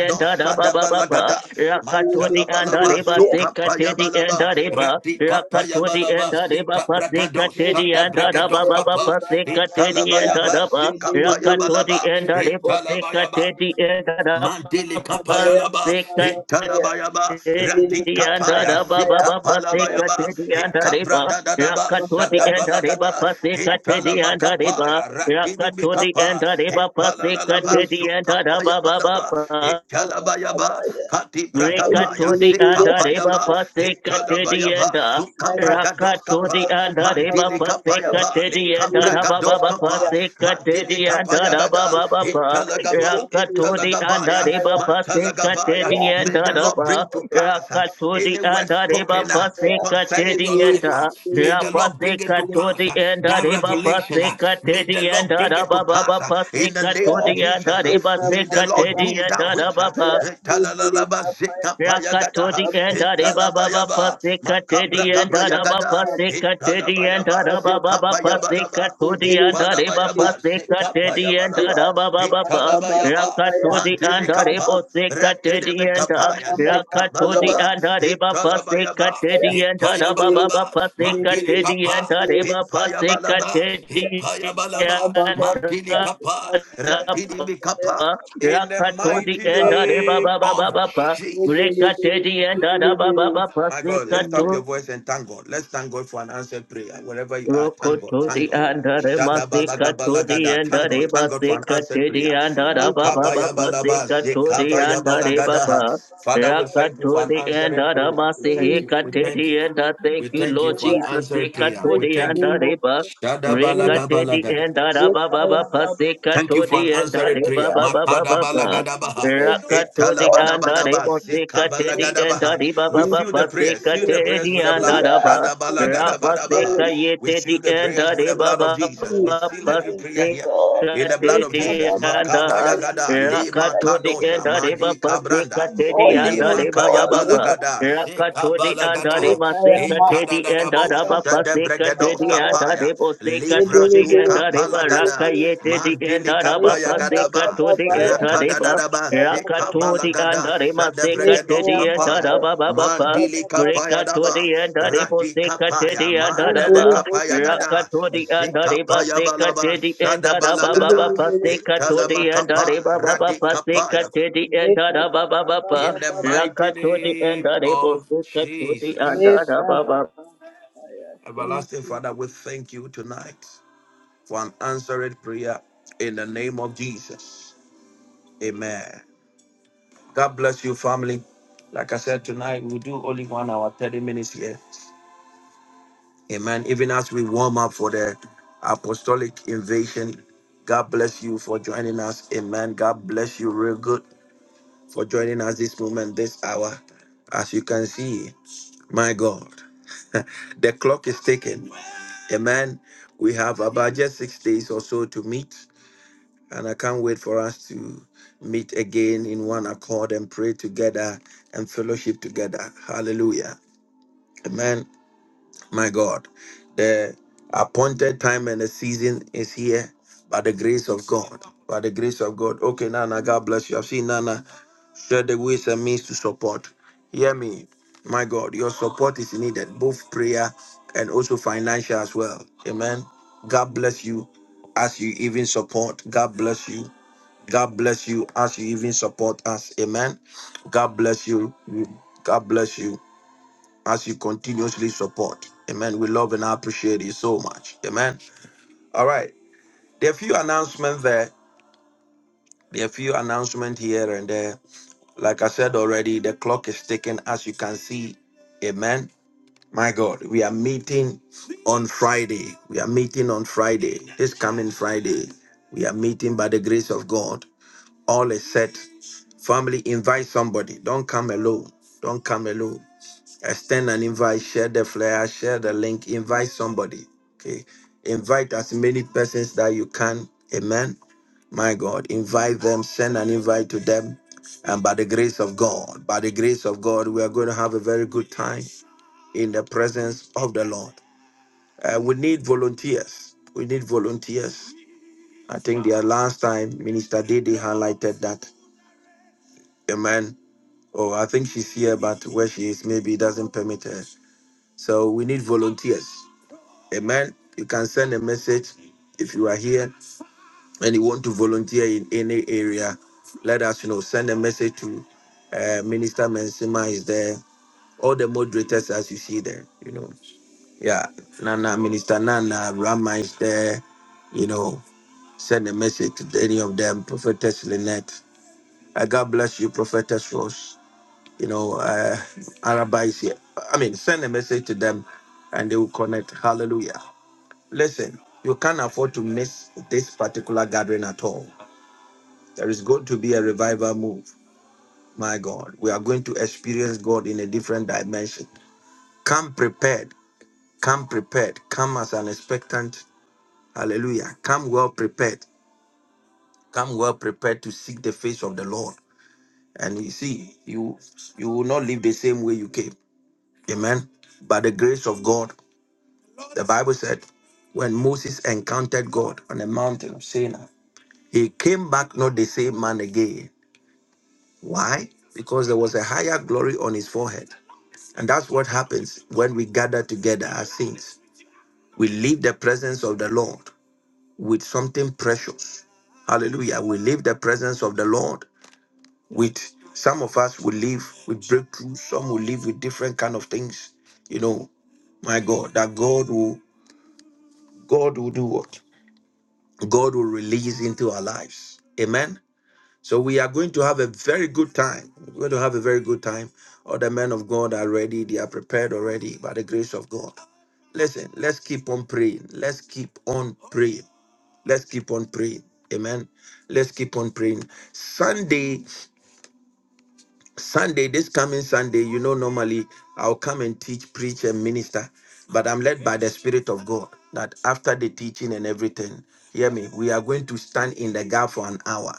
E: and the Baba Baba
A: Shadabalagada,
E: Rakatodi and
A: Mantalabalaba,
E: Areba Sekatedi
A: Zukapayabalaba,
E: and Areba Rakatodi
A: Radikapayabalaba,
E: and Areba
A: Zikabragadon,
E: Pasekatedi and
A: Shadabragados
E: Araba
A: Kapa,
E: Pasekatedi and
A: Italabayaba,
E: Araba
A: Zikapayabalaba,
E: Rakatodi and Arebo
A: Italabayaba,
E: Sekatedi and
A: Mandele kapaya
E: Araba
D: Babaya,
A: laba,
D: Babaya,
A: italaba yaba,
D: Bibili
A: rati
E: the end of
A: kapaya,
D: Babaya
E: the Baba
D: Maya,
A: zika
E: Baba
A: palaba
E: Pasika
D: Babaya,
A: yaba,
E: to the end of the
A: ikabra
E: Ba,
A: dadadaba,
E: Raka to the
D: Babaya,
E: end of
D: Babaya,
E: the Ba
D: Babaya,
A: shadabalagada,
E: Pasika to the
A: italama
E: end of the Ba,
A: kapaya, ratini
E: the end
A: mikapa,
E: of the Pasika
D: Madili
A: ipalalalaba,
E: to the end of
A: sukapaya
D: Babaya,
A: balaba,
D: Mamaya,
E: Baba.
A: italaba yaba,
D: Babaya,
A: kati bragaba, ya
D: Bibili
E: Rekatodi and
A: zika
D: Bibili,
E: Areba
A: payaba,
D: Nika
E: Paseka
A: italaba
D: Babaya,
E: Teddy and
A: yaba, suka
D: Kaya
A: bragados
E: Rakatodi
A: kapa,
D: Babaya,
E: and Areba
A: mandele kapaya
D: Babaya,
E: Paseka
A: ba,
E: Teddy
A: lika
E: and
D: Bibili
A: bragados
D: Kaya
E: Arababa
A: kapa,
D: Babaya,
E: Paseka
A: Mandele
E: Teddy and
A: Kapayagada,
E: Arababa
A: Italagaba,
E: Rakatodi and
A: Italagabaya,
E: Areba Paseka
A: Mantalagabaya.
E: Teddy and
A: May the Lord
E: Araba
A: bring to pass uh,
E: Rakatodi
A: any
E: and
A: word
E: Areba
A: spoken uh,
E: Paseka
A: concerning
E: Teddy
A: your
E: and
A: life. uh,
E: the
A: May the Lord bring it
E: Rapaseka
A: to pass.
E: Todi
A: uh,
E: and
A: That
E: Areba
A: revelation, uh,
E: Paseka
A: may the
E: Teddy and
A: Lord bring it to pass.
E: Arababa
A: uh, In the
E: Paseka
A: name of
E: Todi and
A: Jesus, uh,
E: Areba
A: may the
E: Seka
A: Lord
E: Teddy
A: do
E: and
A: that which. uh,
E: Arababa
A: Italalaba Zikapayagada,
E: Yakatodi and Areba
D: Baba
E: Baba
A: Italabayaba,
E: Pasika Teddy and Araba
A: Makabragabayagada.
E: Pasika Teddy and
A: Italabayaba,
E: Araba Baba Pasika
A: Sikabayabalaba,
E: Todi and Areba
A: Ipadabayaba,
E: Pasika Teddy and
A: Sikapayabalaba,
E: Araba Baba Pa
A: Italabayaba,
E: Yakatodi and
A: Mantele
E: Arebo
A: Kapa,
E: Sika
A: Ratele
E: Teddy and
A: Bekapaya,
E: Yakatodi
A: Sikabalaba,
E: and Areba Pasika
A: Italabayaba,
E: Teddy and Araba Baba
A: Ipayabalaba,
E: Pasika
A: Mantele
E: Teddy and
A: Kapa,
E: Areba Pasika
A: Ipayabalaba,
E: Teddy
A: Ipayabalaba,
E: and
A: Mantele Kapa, Ratini
E: Araba
A: Bekapa, in the
E: Yakatodi
A: mighty
E: and Areba
A: name
E: Baba
A: of
E: Baba Pa
A: Jesus.
E: Rekatedi and Adababa
A: My God, lift up
E: Pasikato
A: your
D: Amen.
A: voice and thank God. Let's thank God for an answered prayer. Wherever you are, thank God,
E: Rokoto
D: Father,
A: thank
E: di
A: God.
D: Lord, we
E: andare
D: thank you
E: masika
D: for
E: to di
A: Shadabalagabalagada.
D: our
A: Thank God,
E: andare
D: answered
A: thank God for an
D: prayer.
E: masika
A: answered
E: te di
A: prayer.
E: andara
D: Thank
E: baba
D: you, Jesus.
E: baba
A: Makabayabalaba,
E: sika to di
D: Kaya ba
E: andare
D: ba ba ba
A: zekabayabalagadaha.
D: ba ba
E: baba.
A: Father, we
D: ba
A: thank
D: ba
A: you for
D: ba.
E: Rakato
A: an
E: di
A: answered
E: andara
D: ya.
A: prayer. We thank
D: Thank
A: you,
E: masika
A: we
D: you
E: te
A: thank
D: for
E: di
A: you.
D: an
E: andare. Thank
A: We
E: you,
D: answered
A: thank you
E: Lord
A: for an
D: prayer
E: Jesus.
D: in
A: answered
D: the
E: Sika
A: prayer.
E: to
A: We
E: di
D: mighty
A: thank you.
D: name
E: andare
D: of
E: baba.
D: Jesus. Thank
E: Rekate
D: you,
E: di
A: Shadabalagabalagada.
D: Jesus.
E: andara
D: Yeah,
E: baba
D: Kaya
E: baba
D: ba ba ba
E: sika
D: ba
A: Thank you
D: ba
E: to
A: for an
E: di
D: ba ba
E: andare
A: answered
D: ba
A: prayer.
D: ba.
E: baba baba baba.
D: Thank you,
A: Makadabalagadabaha,
D: oh
E: Rakato di
D: God, for
E: andare
D: an
A: etalabadabadaba,
E: masika
D: answered
E: te di
D: prayer.
A: sekabalagadabaha.
E: andare
A: We
E: baba
D: Thank
A: seal
D: you
A: the
E: baba
D: for
A: prayers,
E: sika
A: seal
D: hearing our
A: the
E: te
A: prayers
E: di
A: with the blood.
E: andara
D: prayer.
E: baba.
D: Thank you for
A: Shadabalagadabaha.
E: Rapaseka
D: hearing
A: We
E: yete
D: us.
A: seal
E: di
A: the prayers
E: anda
A: with
E: de
A: the
D: We
A: blood of
E: baba
D: thank
A: Jesus. We
D: you
A: seal
D: and
A: every
D: thank you,
A: prayer here
D: God.
A: in
E: paseka
A: the blood
E: te
A: of
D: Leka
E: di
A: Jesus.
D: Baba Baba
E: anda.
D: ya
A: Makabayagada, le
D: that
E: Rakato di
D: you
A: makadosa,
E: anda de
D: made.
A: madi
E: baba
D: We
E: seka te
A: kabranda.
D: adore
E: di anda
A: Lema
D: you,
E: de
A: kaya
E: baba
D: God.
E: baba.
D: Leka
A: balagada,
D: Baba
A: zeka
E: Rakato
D: ya.
E: di anda de
A: balagada,
D: Leka ya
E: maseka te
D: Mama
A: itada
E: di
A: da
D: ya.
A: da
E: anda
A: bo,
E: da
D: Leka
E: baba
A: shede
D: Baba
E: seka te
A: bregados
D: Baba
E: di anda
D: Baba
A: kapaya,
E: de
D: ya.
E: boseka
D: Bebe
E: to
A: livra
D: bebe
E: di
A: suka
E: anda
D: bebe
E: de
D: bebe
E: baraka
A: palagada,
D: bebe bebe.
E: yete di
A: mandili
E: anda da
D: Leka
A: kapaya
E: baba
D: Baba
E: seka
D: We bere bere bere
A: gadaba,
D: bere
E: to
D: bere bere. We have a
E: di
D: Baba ya.
E: anda de
A: rakada
D: Leka
A: da
E: ba.
A: da ba,
D: Baba Baba
A: zeka
E: Rakato di
D: Baba ya.
A: balagada,
E: anda de
A: shede
E: maseka
D: Leka
E: te
A: bregados
D: ya
E: di anda
D: Mama
A: kapaya,
E: da
D: ya.
E: baba
D: Leka
E: baba.
D: Baba
A: mandili
D: Baba
A: kapaya
D: Baba ya.
A: daba,
E: Rekatodi and Aribo
A: Radi kapaya,
E: Sekatedi and
A: mandele
D: Mandele
E: andaraba.
A: kapaya
D: dosi ya
A: gada,
D: Baba
E: Rakatodi and
D: Baba
E: Ariba
A: zikapaya balaba,
E: Sekatedi and
A: shada
E: Araba
D: Thank
E: Baba
A: balagada,
D: you.
A: itala
E: Pasekatodi and
A: makapa,
E: Ariba Baba
A: radi kapaya.
E: Pasekatedi and Araba Baba
A: In the mighty
E: Rakatodi and
A: name
E: Aribo
A: of
E: Sekatodi and
A: Jesus.
E: Araba
A: Everlasting Father, we thank you tonight for an answered prayer in the name of Jesus. Amen. God bless you, family. Like I said, tonight we'll do only one hour, 30 minutes here. Amen. Even as we warm up for the apostolic invasion, God bless you for joining us. Amen. God bless you real good for joining us this moment, this hour. As you can see, my God. the clock is ticking. Amen. We have about just six days or so to meet, and I can't wait for us to meet again in one accord and pray together and fellowship together. Hallelujah. Amen. My God, the appointed time and the season is here by the grace of God. By the grace of God. Okay, Nana, God bless you. I've seen Nana share the ways and means to support. Hear me, my God, your support is needed, both prayer and also financial as well. Amen. God bless you as you even support. God bless you. God bless you as you even support us. Amen. God bless you. God bless you as you continuously support. Amen. We love and appreciate you so much. Amen. All right. There are a few announcements there. There are a few announcements here and there. Like I said already, the clock is ticking as you can see. Amen. My God, we are meeting on Friday. We are meeting on Friday. This coming Friday. We are meeting by the grace of God. All is set. Family, invite somebody. Don't come alone. Don't come alone. extend an invite, share the flyer, share the link, invite somebody. Okay. Invite as many persons that you can. Amen. My God, invite them, send an invite to them. And by the grace of God, by the grace of God, we are going to have a very good time in the presence of the Lord. Uh, we need volunteers. We need volunteers. I think the last time Minister Didi highlighted that. Amen. Oh, I think she's here, but where she is maybe it doesn't permit her. So we need volunteers. Amen. You can send a message if you are here and you want to volunteer in any area. Let us know. Send a message to uh, Minister Mensima is there. All the moderators as you see there, you know. Yeah. Nana Minister Nana Rama is there. You know, send a message to any of them. Prophetess Lynette. Uh, God bless you, Prophetess Rose. You know, uh, Araba is here. I mean, send a message to them and they will connect. Hallelujah. Listen, you can't afford to miss this particular gathering at all. There is going to be a revival move. My God, we are going to experience God in a different dimension. Come prepared. Come prepared. Come as an expectant. Hallelujah. Come well prepared. Come well prepared to seek the face of the Lord. And you see, you you will not live the same way you came. Amen. By the grace of God, the Bible said, when Moses encountered God on the mountain of Sinai. He came back not the same man again. Why? Because there was a higher glory on his forehead. And that's what happens when we gather together as saints. We leave the presence of the Lord with something precious. Hallelujah. We leave the presence of the Lord with some of us will leave with breakthroughs, some will leave with different kind of things. You know, my God, that God will God will do what? God will release into our lives. Amen. So we are going to have a very good time. We're going to have a very good time. All the men of God are ready. They are prepared already by the grace of God. Listen, let's keep on praying. Let's keep on praying. Let's keep on praying. Amen. Let's keep on praying. Sunday, Sunday, this coming Sunday, you know, normally I'll come and teach, preach, and minister, but I'm led by the Spirit of God that after the teaching and everything, hear me, we are going to stand in the gap for an hour.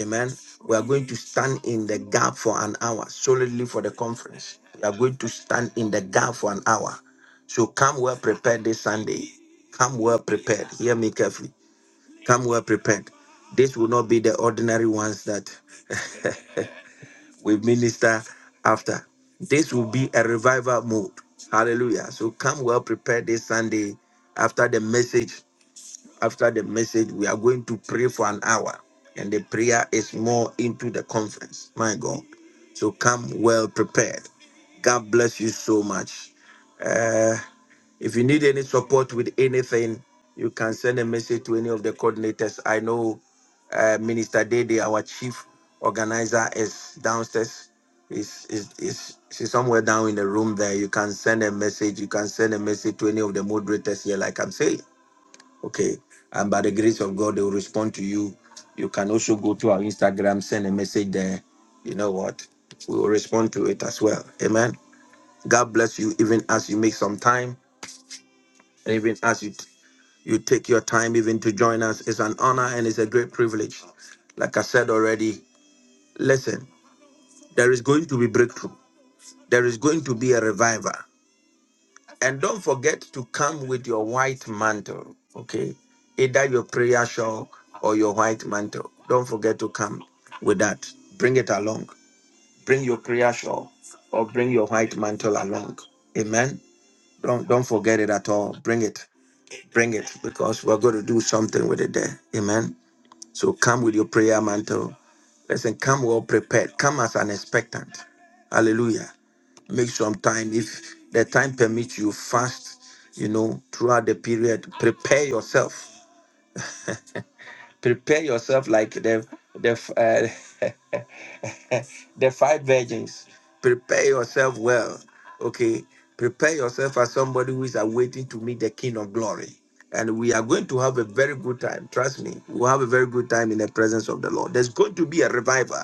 A: Amen. We are going to stand in the gap for an hour solidly for the conference. We are going to stand in the gap for an hour. So come well prepared this Sunday. Come well prepared. Hear me carefully. Come well prepared. This will not be the ordinary ones that we minister after. This will be a revival mode. Hallelujah. So come well prepared this Sunday after the message. After the message, we are going to pray for an hour, and the prayer is more into the conference. My God. So come well prepared. God bless you so much. Uh, if you need any support with anything, you can send a message to any of the coordinators. I know uh, Minister Dede, our chief organizer, is downstairs. Is is is she's somewhere down in the room there? You can send a message. You can send a message to any of the moderators here, like I'm saying. Okay. And by the grace of God, they will respond to you. You can also go to our Instagram, send a message there. You know what? We will respond to it as well. Amen. God bless you, even as you make some time, and even as you you take your time even to join us. It's an honor and it's a great privilege. Like I said already, listen, there is going to be breakthrough. There is going to be a revival. And don't forget to come with your white mantle, okay? Either your prayer shawl or your white mantle. Don't forget to come with that. Bring it along. Bring your prayer shawl or bring your white mantle along. Amen. Don't don't forget it at all. Bring it. Bring it because we're going to do something with it there. Amen. So come with your prayer mantle. Listen, come well prepared. Come as an expectant. Hallelujah make some time if the time permits you fast you know throughout the period prepare yourself prepare yourself like the the uh, the five virgins prepare yourself well okay prepare yourself as somebody who is awaiting to meet the king of glory and we are going to have a very good time trust me we'll have a very good time in the presence of the lord there's going to be a revival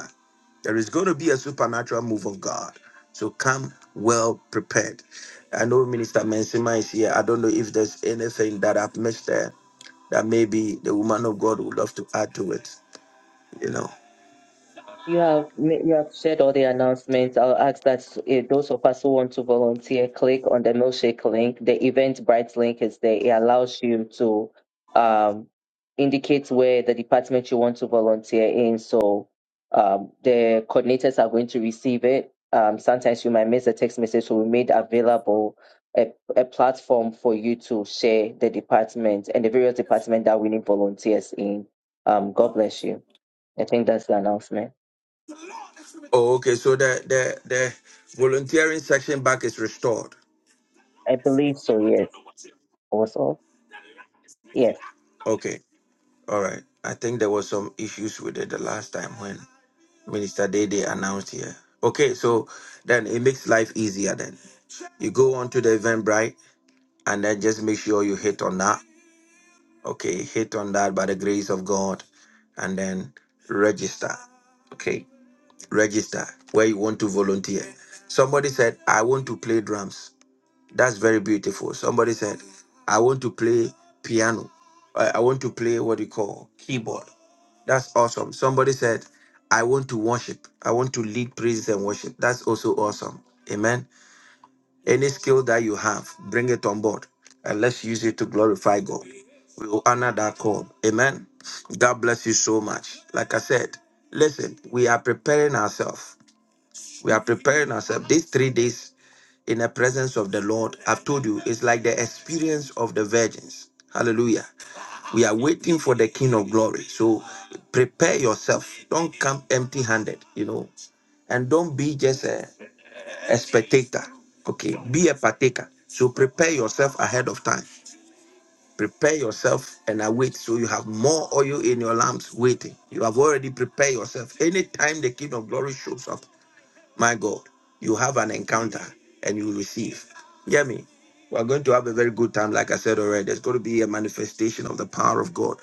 A: there is going to be a supernatural move of God. So come well prepared. I know Minister Mensima is here. I don't know if there's anything that I've missed there that maybe the woman of God would love to add to it. You know.
E: You have ma- you have shared all the announcements. I'll ask that eh, those of us who want to volunteer click on the milkshake link. The Eventbrite link is there. It allows you to um, indicate where the department you want to volunteer in. So um, the coordinators are going to receive it. Um, sometimes you might miss a text message, so we made available a, a platform for you to share the department and the various department that we need volunteers in. Um, God bless you. I think that's the announcement.
A: Oh, okay. So the the the volunteering section back is restored.
E: I believe so, yes. Also, yes.
A: Okay. All right. I think there was some issues with it the last time when Minister Dede announced here. Okay, so then it makes life easier then. You go on to the event, right? And then just make sure you hit on that Okay, hit on that by the grace of God and then register. Okay, register where you want to volunteer. Somebody said, I want to play drums. That's very beautiful. Somebody said, I want to play piano. I I want to play what you call keyboard. That's awesome. Somebody said, I want to worship. I want to lead praises and worship. That's also awesome. Amen. Any skill that you have, bring it on board and let's use it to glorify God. We will honor that call. Amen. God bless you so much. Like I said, listen, we are preparing ourselves. We are preparing ourselves. These three days in the presence of the Lord, I've told you, it's like the experience of the virgins. Hallelujah. We are waiting for the King of Glory. So prepare yourself. Don't come empty handed, you know. And don't be just a a spectator. Okay, be a partaker. So prepare yourself ahead of time. Prepare yourself and await so you have more oil in your lamps waiting. You have already prepared yourself. Anytime the King of Glory shows up, my God, you have an encounter and you receive. Hear me. We are going to have a very good time, like I said already. There's going to be a manifestation of the power of God.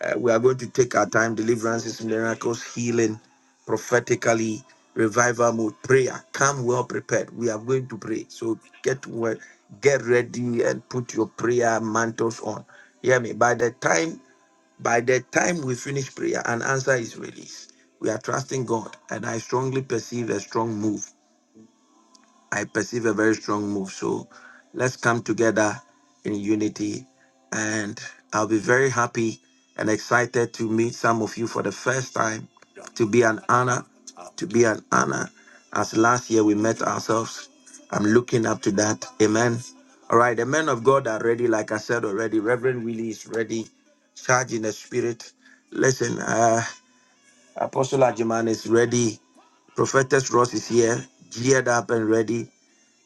A: Uh, we are going to take our time, deliverances, miracles, healing, prophetically, revival mode, prayer. Come well prepared. We are going to pray. So get well, get ready and put your prayer mantles on. Hear me. By the time by the time we finish prayer, an answer is released. We are trusting God, and I strongly perceive a strong move I perceive a very strong move. So let's come together in unity. And I'll be very happy and excited to meet some of you for the first time. To be an honor, to be an honor. As last year we met ourselves, I'm looking up to that. Amen. All right, the men of God are ready. Like I said already, Reverend Willie is ready, charged in the spirit. Listen, uh, Apostle Ajiman is ready. Prophetess Ross is here, geared up and ready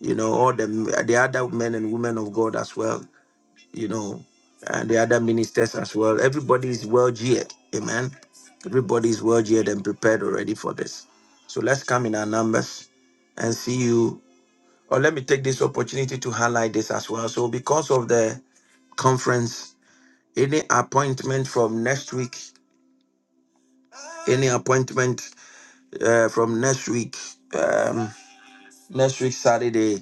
A: you know, all the the other men and women of God as well, you know, and the other ministers as well. Everybody is well geared, amen. Everybody is well geared and prepared already for this. So let's come in our numbers and see you. Or let me take this opportunity to highlight this as well. So because of the conference, any appointment from next week, any appointment uh, from next week, um, next week Saturday.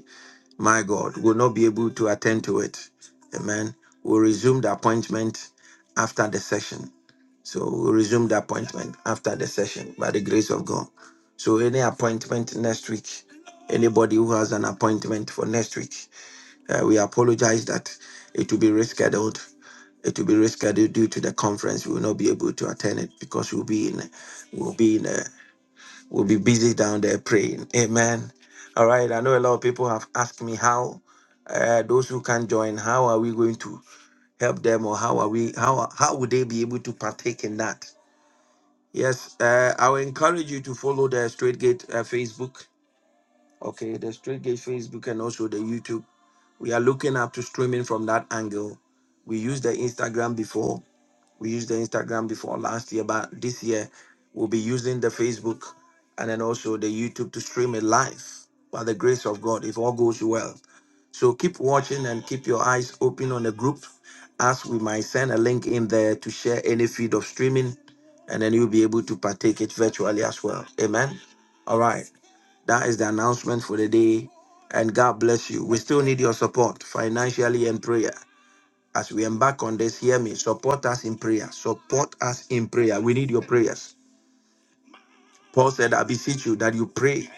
A: my God, will not be able to attend to it. Amen. We'll resume the appointment after the session. So we'll resume the appointment after the session by the grace of God. So any appointment next week, anybody who has an appointment for next week, uh, we apologize that it will be rescheduled. It will be rescheduled due to the conference. We will not be able to attend it because we'll be in, we'll be in. a. We'll be busy down there praying. Amen. All right. I know a lot of people have asked me how uh, those who can join, how are we going to help them, or how are we how how would they be able to partake in that? Yes, uh, I will encourage you to follow the Straight Gate uh, Facebook. Okay, the Straight Gate Facebook and also the YouTube. We are looking up to streaming from that angle. We used the Instagram before we used the Instagram before last year, but this year we'll be using the Facebook and then also the YouTube to stream it live by the grace of God if all goes well. So keep watching and keep your eyes open on the group as we might send a link in there to share any feed of streaming and then you'll be able to partake it virtually as well. Amen. All right. That is the announcement for the day. And God bless you. We still need your support financially and prayer. As we embark on this, hear me. Support us in prayer. Support us in prayer. We need your prayers. Paul said, I beseech you that you pray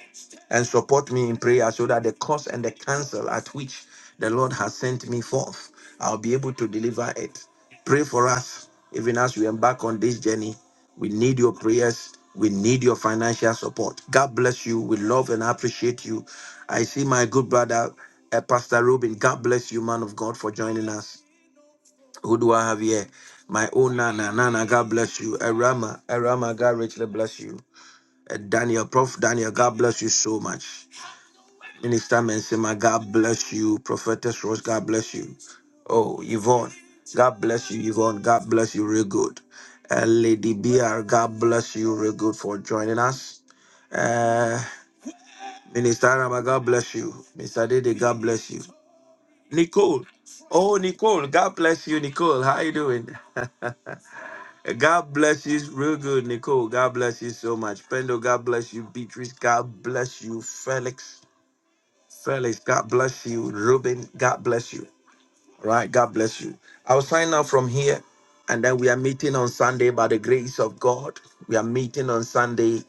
A: and support me in prayer so that the cause and the counsel at which the Lord has sent me forth, I'll be able to deliver it. Pray for us, even as we embark on this journey. We need your prayers. We need your financial support. God bless you. We love and appreciate you. I see my good brother, uh, Pastor Robin. God bless you, man of God, for joining us. Who do I have here? My own Nana. Nana, God bless you. Arama. Arama, God richly bless you. Uh, Daniel, Prof. Daniel, God bless you so much. Minister Mensima, God bless you. Prophetess Rose, God bless you. Oh, Yvonne, God bless you, Yvonne. God bless you real good. Uh, Lady BR, God bless you real good for joining us. Uh, Minister Arama, God bless you. Mr. Dede, God bless you. Nicole. Oh, Nicole, God bless you, Nicole. How you doing? God bless you. Real good, Nicole. God bless you so much. Pendo, God bless you. Beatrice, God bless you. Felix, Felix, God bless you. Ruben, God bless you. Right. God bless you. I'll sign off from here. And then we are meeting on Sunday by the grace of God. We are meeting on Sunday.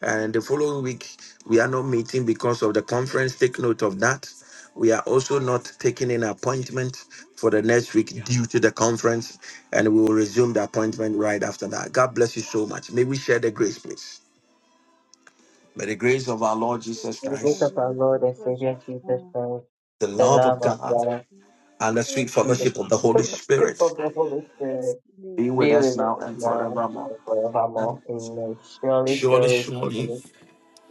A: And the following week, we are not meeting because of the conference. Take note of that. We are also not taking an appointment for the next week Yeah. due to the conference. And we will resume the appointment right after that. God bless you so much. May we share the grace, please. May the grace of our Lord Jesus
E: In
D: Grateful
E: the grace
D: for
E: of
A: Christ,
E: our
D: many
E: Lord and
D: creatures,
E: Savior Jesus
D: uh,
E: Christ,
A: the
D: who are
E: the
A: love
E: love
A: of
D: around
E: of
A: God,
D: us,
E: God,
D: mm,
A: and the sweet
E: and
D: and
E: the
D: then
A: fellowship of the Holy
D: people who can
E: fellowship
A: Spirit.
E: of the
D: believe
E: Holy
D: that
E: Spirit
D: being
E: be
D: that's
E: with
D: not
E: us now and
D: um,
E: forevermore. Amen. Surely,
A: Surely,
D: mm,
E: surely,
A: surely.
E: surely,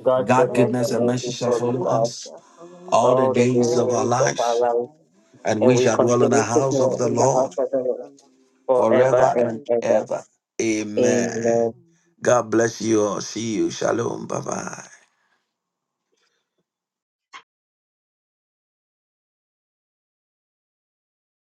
E: God's
A: God
E: goodness
D: God
A: goodness
E: and
D: could
A: and
D: give us
A: mercy
E: mercy
A: shall
D: some
E: follows
A: follow
E: us
D: mercy
A: us
D: for following
A: all the
E: all the
A: days of
D: all
A: our
D: the
E: days
D: people
E: of our
A: life,
D: of
E: lives,
D: God,
A: and
E: and
A: we
E: we
A: shall dwell in the
D: for
E: continue to
A: house of
E: grow
A: the
D: drawing
E: in the house
A: Lord
D: us
E: of the Lord
D: from
E: forever
A: forever
E: and
A: and
D: However,
E: ever.
A: ever. Amen.
E: Amen.
A: God bless you all. See you. Shalom. Bye bye.